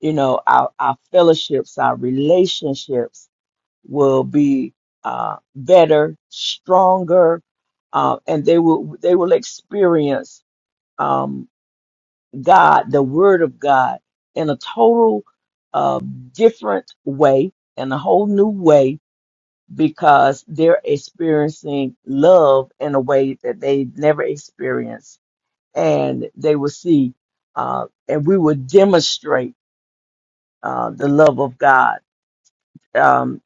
B: you know, our, our fellowships, our relationships will be uh, better, stronger, uh, and they will they will experience um, God, the Word of God, in a total uh, different way, in a whole new way, because they're experiencing love in a way that they never experienced. And they will see, uh, and we will demonstrate uh, the love of God um,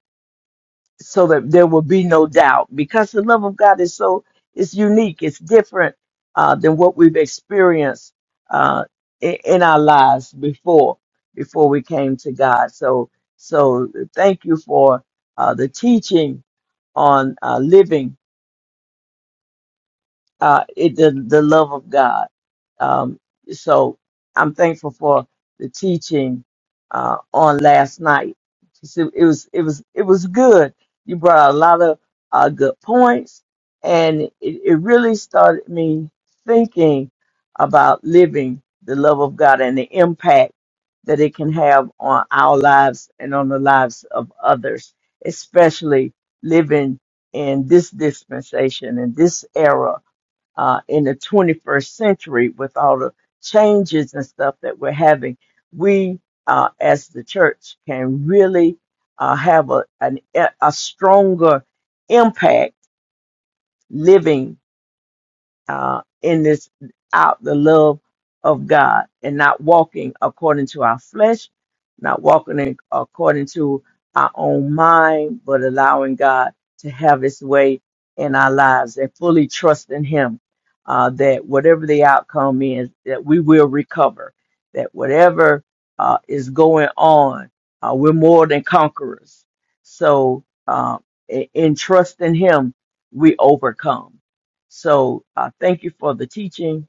B: so that there will be no doubt because the love of God is so, it's unique, it's different uh, than what we've experienced uh, in, in our lives before, before we came to God. So, so thank you for uh, the teaching on uh, living uh, it, the, the love of God. Um, so I'm thankful for the teaching uh, on last night. So It was it was it was good. You brought a lot of uh, good points, and it, it really started me thinking about living the love of God and the impact that it can have on our lives and on the lives of others, especially living in this dispensation in this era uh, in the 21st century with all the changes and stuff that we're having, we uh, as the church can really uh, have a, an, a stronger impact living uh, in this out the love of God and not walking according to our flesh, not walking in, according to our own mind, but allowing God to have His way in our lives and fully trusting Him uh, that whatever the outcome is, that we will recover, that whatever uh, is going on, uh, we're more than conquerors. So uh, in in trusting Him, we overcome so uh, thank you for the teaching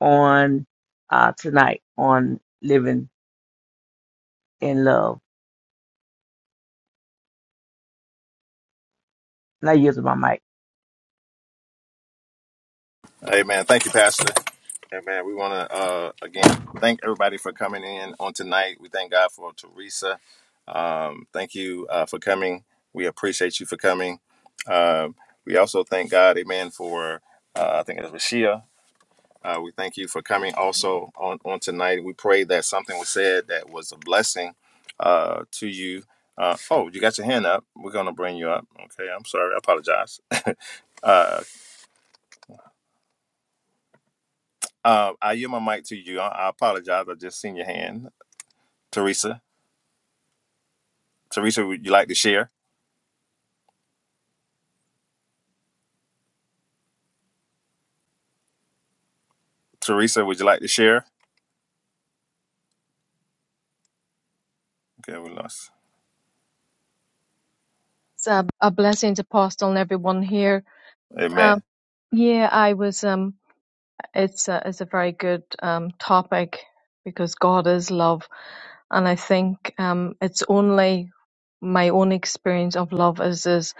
B: on uh, tonight on living in love. Now using my mic.
A: Amen. Thank you, Pastor. Amen. We want to uh, again thank everybody for coming in on tonight. We thank God for Teresa. Um, thank you uh, for coming. We appreciate you for coming. Um, we also thank God, Amen, for uh, I think it was Rashia Uh, we thank you for coming also on, on tonight. We pray that something was said that was a blessing uh, to you. Uh, oh, you got your hand up. We're going to bring you up. Okay, I'm sorry. I apologize. Uh, uh, I yield my mic to you. I, I apologize. I just seen your hand. Teresa. Teresa, would you like to share? Teresa, would you like to share? Okay, we lost.
D: It's a, a blessing to pass on everyone here.
A: Amen.
D: Um, yeah, I was. Um, it's a, it's a very good um, topic because God is love, and I think um, it's only my own experience of love is is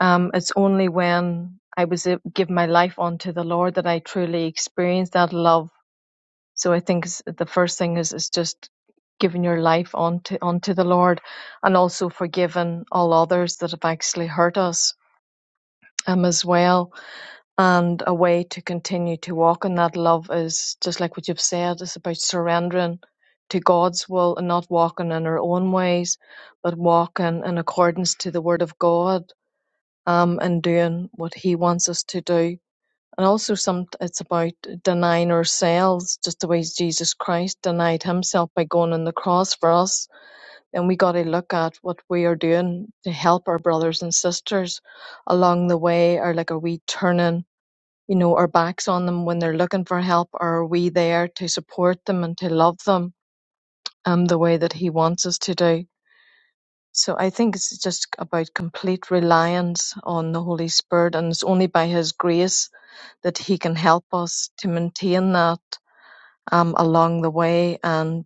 D: um, it's only when I was a- give my life unto the Lord that I truly experienced that love. So I think s- the first thing is is just giving your life unto unto the Lord, and also forgiving all others that have actually hurt us um, as well And a way to continue to walk in that love is just like what you've said, it's about surrendering to God's will and not walking in our own ways, but walking in accordance to the Word of God um, and doing what He wants us to do. And also, some it's about denying ourselves, just the way Jesus Christ denied Himself by going on the cross for us. Then we got to look at what we are doing to help our brothers and sisters along the way, or like are we turning? you know, our backs on them when they're looking for help, or are we there to support them and to love them um, the way that He wants us to do? So I think it's just about complete reliance on the Holy Spirit, and it's only by His grace that He can help us to maintain that um, along the way and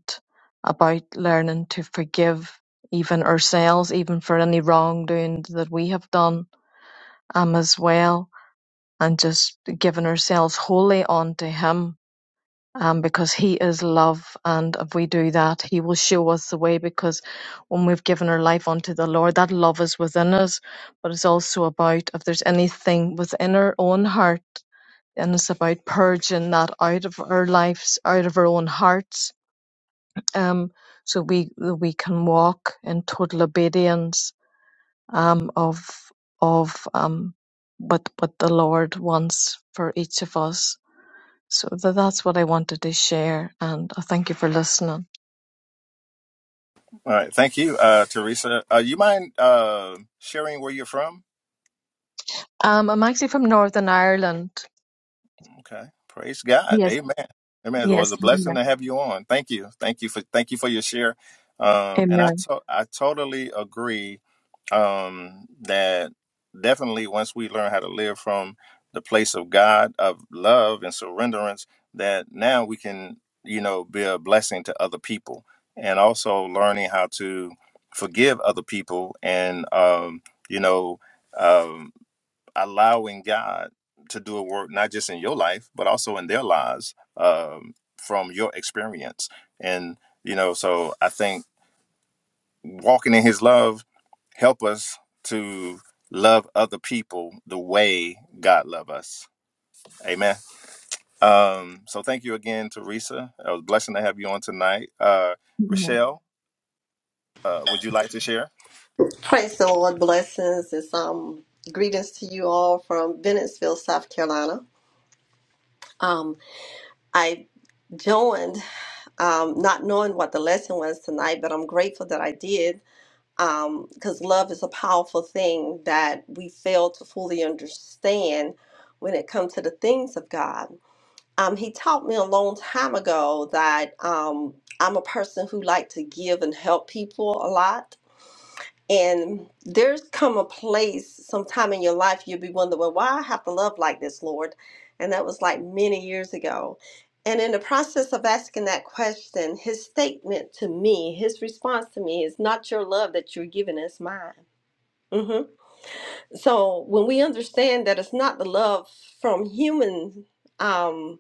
D: about learning to forgive even ourselves, even for any wrongdoing that we have done um, as well, and just giving ourselves wholly on to Him um, because He is love. And if we do that, He will show us the way. Because when we've given our life unto the Lord, that love is within us. But it's also about if there's anything within our own heart, and it's about purging that out of our lives, out of our own hearts, um, so we we can walk in total obedience um, of of um, what what the Lord wants for each of us. So tha that's what I wanted to share, and I thank you for listening.
A: All right. Thank you, uh, Teresa. Uh, you mind uh, sharing where you're from?
D: Um, I'm actually from Northern Ireland.
A: Okay. Praise God.
D: Yes,
A: Amen. Amen. Well, It was
D: yes,
A: a blessing
D: amen,
A: to have you on. Thank you. Thank you for thank you for your share. Um, and I
D: amen.
A: to- I totally agree um, that definitely once we learn how to live from the place of God of love and surrenderance, that now we can you know be a blessing to other people, and also learning how to forgive other people and um, you know. um, allowing God to do a work not just in your life but also in their lives um, from your experience. And you know, so I think walking in His love help us to love other people the way God love us. Amen. Um, so thank you again, Teresa. It was a blessing to have you on tonight. Uh, Rochelle, uh, would you like to share?
E: Praise the Lord, blessings. It's um greetings to you all from Bennettsville, South Carolina. Um, I joined um, not knowing what the lesson was tonight, but I'm grateful that I did um because love is a powerful thing that we fail to fully understand when it comes to the things of God. Um, he taught me a long time ago that um, I'm a person who like to give and help people a lot And there's come a place sometime in your life you'll be wondering, well, why I have to love like this, Lord? And that was like many years ago. And in the process of asking that question, his statement to me, his response to me is not your love that you're giving, it's mine. hmm So when we understand that it's not the love from human, um,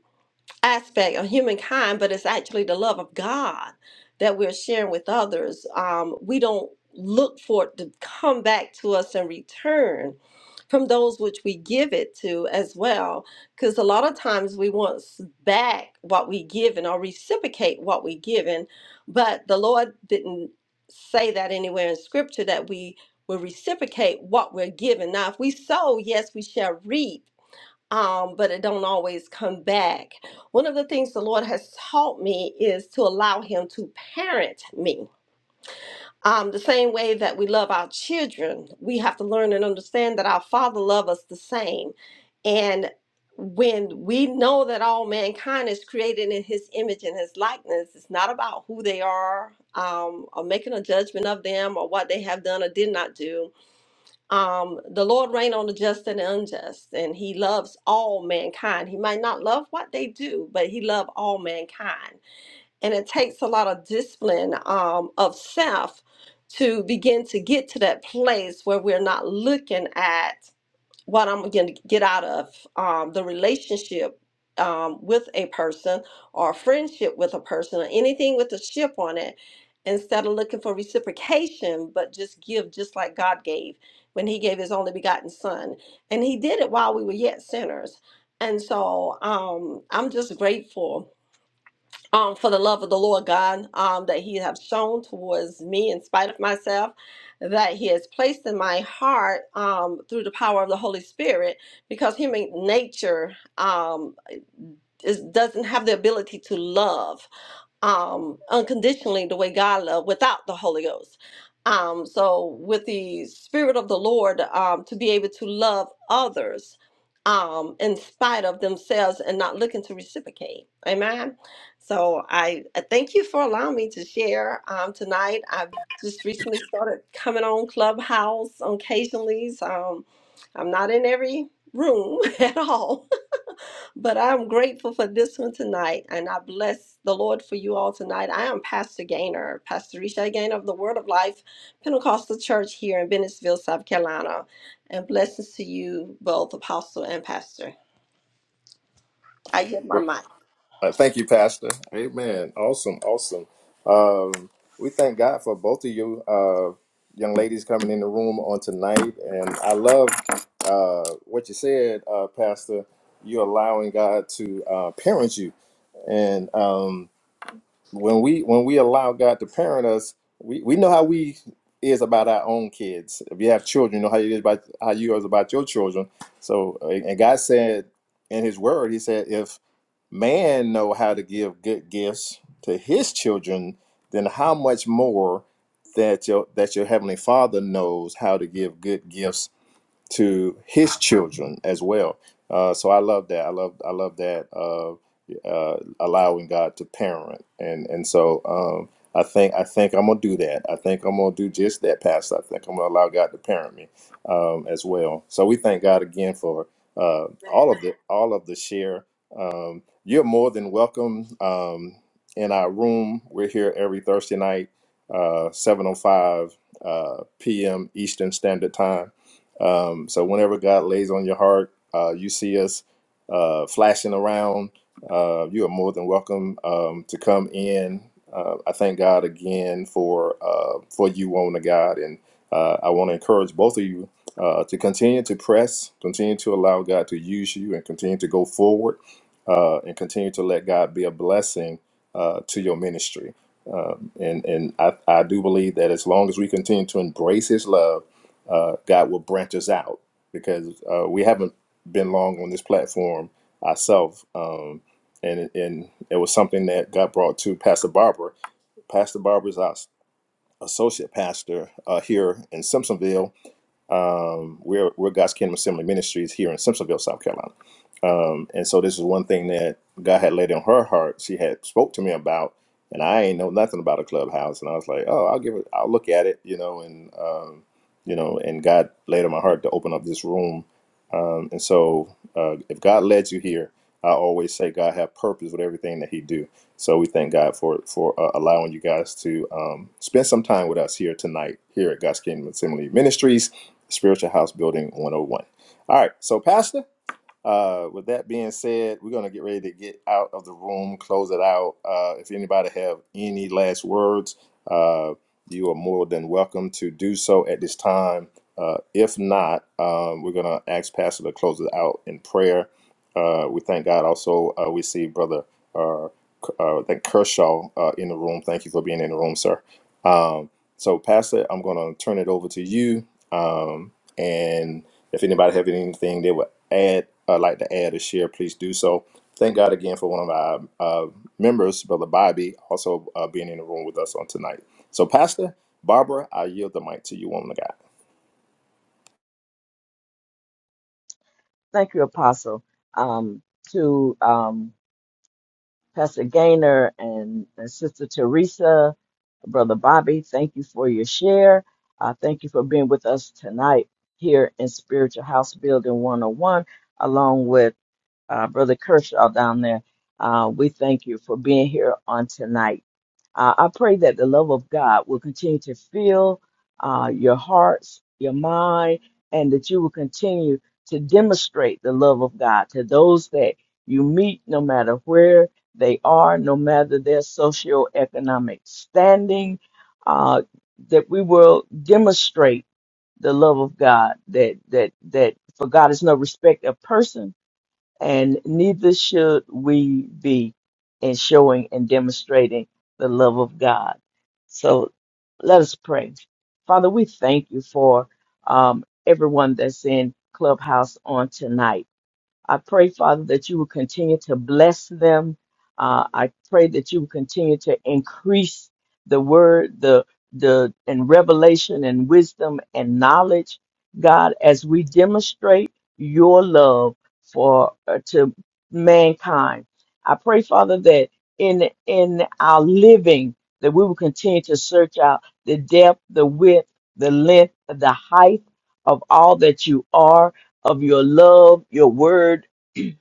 E: aspect of humankind, but it's actually the love of God that we're sharing with others. Um, we don't look for it to come back to us in return from those which we give it to as well, because a lot of times we want s- back what we given or reciprocate what we given, but the Lord didn't say that anywhere in Scripture that we will reciprocate what we're given. Now, if we sow, yes, we shall reap um, but it don't always come back. One of the things the Lord has taught me is to allow Him to parent me. Um, the same way that we love our children, we have to learn and understand that our Father loves us the same. And when we know that all mankind is created in His image and His likeness, it's not about who they are um, or making a judgment of them or what they have done or did not do um the lord reign on the just and the unjust and he loves all mankind he might not love what they do but he loves all mankind and it takes a lot of discipline um of self to begin to get to that place where we're not looking at what I'm going to get out of um, the relationship um, with a person or a friendship with a person or anything with a ship on it instead of looking for reciprocation, but just give just like God gave when He gave His only begotten Son. And He did it while we were yet sinners. And so um, I'm just grateful um, for the love of the Lord God um, that He has shown towards me in spite of myself, that He has placed in my heart um, through the power of the Holy Spirit, because human nature um, is, doesn't have the ability to love um, unconditionally the way God loved without the Holy Ghost. Um, so with the Spirit of the Lord, um, to be able to love others um, in spite of themselves and not looking to reciprocate. Amen. So I, I thank you for allowing me to share um, tonight. I've just recently started coming on Clubhouse occasionally. So um, I'm not in every room at all. But I'm grateful for this one tonight, and I bless the Lord for you all tonight. I am Pastor Gaynor, Pastor Risha Gaynor of the Word of Life Pentecostal Church here in Bennettsville, South Carolina. And blessings to you both, Apostle and Pastor. I give my mic.
A: Uh, thank you, Pastor. Amen. Awesome. Awesome. Um, we thank God for both of you uh, young ladies coming in the room on tonight. And I love uh, what you said, uh, Pastor. You're allowing God to uh, parent you. And um, when we when we allow God to parent us, we, we know how we is about our own kids. If you have children, you know how it is about how you is about your children. So, uh, and God said in His Word, He said, if man know how to give good gifts to his children, then how much more that your that your heavenly Father knows how to give good gifts to his children as well. Uh, so I love that. I love I love that uh, uh, allowing God to parent, and and so um, I think I think I'm gonna do that. I think I'm gonna do just that, Pastor. I think I'm gonna allow God to parent me um, as well. So we thank God again for uh, all of the all of the share. Um, you're more than welcome um, in our room. We're here every Thursday night, uh, 7:05 uh, p.m. Eastern Standard Time um, so whenever God lays on your heart, uh, you see us uh, flashing around. Uh, you are more than welcome um, to come in. Uh, I thank God again for uh, for you, woman of God, and uh, I want to encourage both of you uh, to continue to press, continue to allow God to use you, and continue to go forward, uh, and continue to let God be a blessing uh, to your ministry. Um, and and I, I do believe that as long as we continue to embrace His love uh, God will branch us out because uh, we haven't been long on this platform ourselves. Um, and, and it was something that God brought to Pastor Barber. Pastor Barber is our associate pastor uh, here in Simpsonville. Um, we're, we're God's Kingdom Assembly Ministries here in Simpsonville, South Carolina. Um, and so this is one thing that God had laid in her heart. She had spoke to me about, and I ain't know nothing about a clubhouse. And I was like, oh, I'll give it, I'll look at it, you know, and um, you know, and God laid on my heart to open up this room. Um, and so, uh, if God led you here, I always say God have purpose with everything that He do. So we thank God for for uh, allowing you guys to um, spend some time with us here tonight here at God's Kingdom Assembly Ministries, Spiritual House Building 101. All right, so Pastor. Uh, with that being said, we're gonna get ready to get out of the room, close it out. Uh, if anybody have any last words, uh, you are more than welcome to do so at this time. Uh, if not, um, we're gonna ask Pastor to close it out in prayer. Uh, we thank God. Also, uh, we see Brother uh, K- uh, I think Kershaw uh, in the room. Thank you for being in the room, sir. Um, so, Pastor, I'm gonna turn it over to you. Um, and if anybody have anything they would add, uh, like to add or share, please do so. Thank God again for one of our uh, members, Brother Bobby, also uh, being in the room with us on tonight. So, Pastor Barbara, I yield the mic to you, woman of God.
B: Thank you, Apostle, um, to um, Pastor Gaynor and, and Sister Teresa, Brother Bobby. Thank you for your share. Uh, thank you for being with us tonight here in Spiritual House Building 101, along with uh, Brother Kershaw down there. Uh, we thank you for being here on tonight. Uh, I pray that the love of God will continue to fill uh, your hearts, your mind, and that you will continue to demonstrate the love of God to those that you meet, no matter where they are, no matter their socioeconomic standing, uh, that we will demonstrate the love of God, that, that, that for God is no respect of person and neither should we be in showing and demonstrating the love of God. So let us pray. Father, we thank you for um, everyone that's in Clubhouse on tonight. I pray, Father, that you will continue to bless them. Uh, I pray that you will continue to increase the word, the the and revelation and wisdom and knowledge, God, as we demonstrate your love for uh, to mankind. I pray, Father, that in in our living that we will continue to search out the depth, the width, the length, the height of all that you are of your love, your word,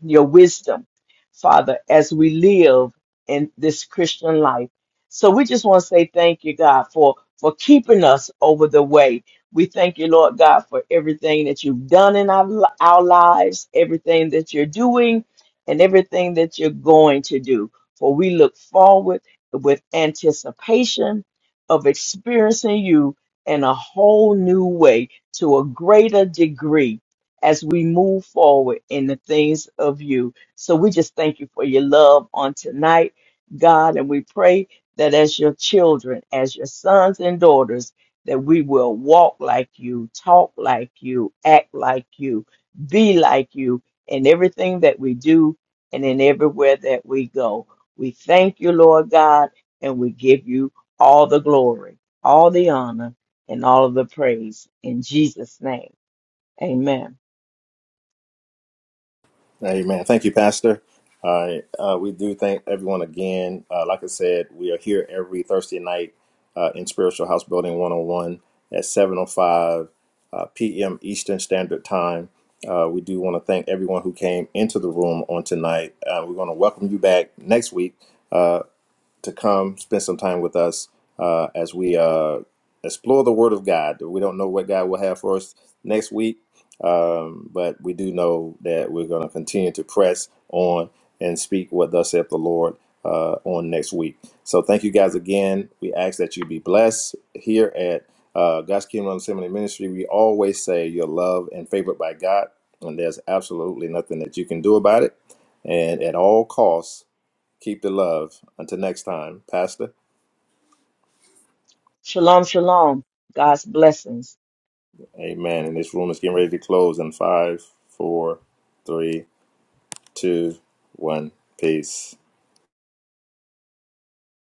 B: your wisdom, Father, as we live in this Christian life. So we just want to say thank you, God, for, for keeping us over the way. We thank you, Lord God, for everything that you've done in our, li- our lives, everything that you're doing, and everything that you're going to do. For we look forward with anticipation of experiencing you in a whole new way to a greater degree as we move forward in the things of you. So we just thank you for your love on tonight, God, and we pray that as your children, as your sons and daughters, that we will walk like you, talk like you, act like you, be like you in everything that we do and in everywhere that we go. We thank you, Lord God, and we give you all the glory, all the honor, and all of the praise in Jesus' name. Amen.
A: Amen. Thank you, Pastor. All right. Uh, we do thank everyone again. Uh, like I said, we are here every Thursday night uh, in Spiritual House Building 101 at 7.05 uh, p.m. Eastern Standard Time. Uh, we do want to thank everyone who came into the room on tonight. Uh, we're going to welcome you back next week. uh, to come spend some time with us uh, as we uh, explore the Word of God. We don't know what God will have for us next week, um, but we do know that we're going to continue to press on and speak what thus saith the Lord uh, on next week. So thank you guys again. We ask that you be blessed here at uh, God's Kingdom Assembly Ministry. We always say you're loved and favored by God, and there's absolutely nothing that you can do about it. And at all costs, Keep the love. Until next time, Pastor.
B: Shalom, shalom. God's blessings.
A: Amen. And this room is getting ready to close in five, four, three, two, one. Peace.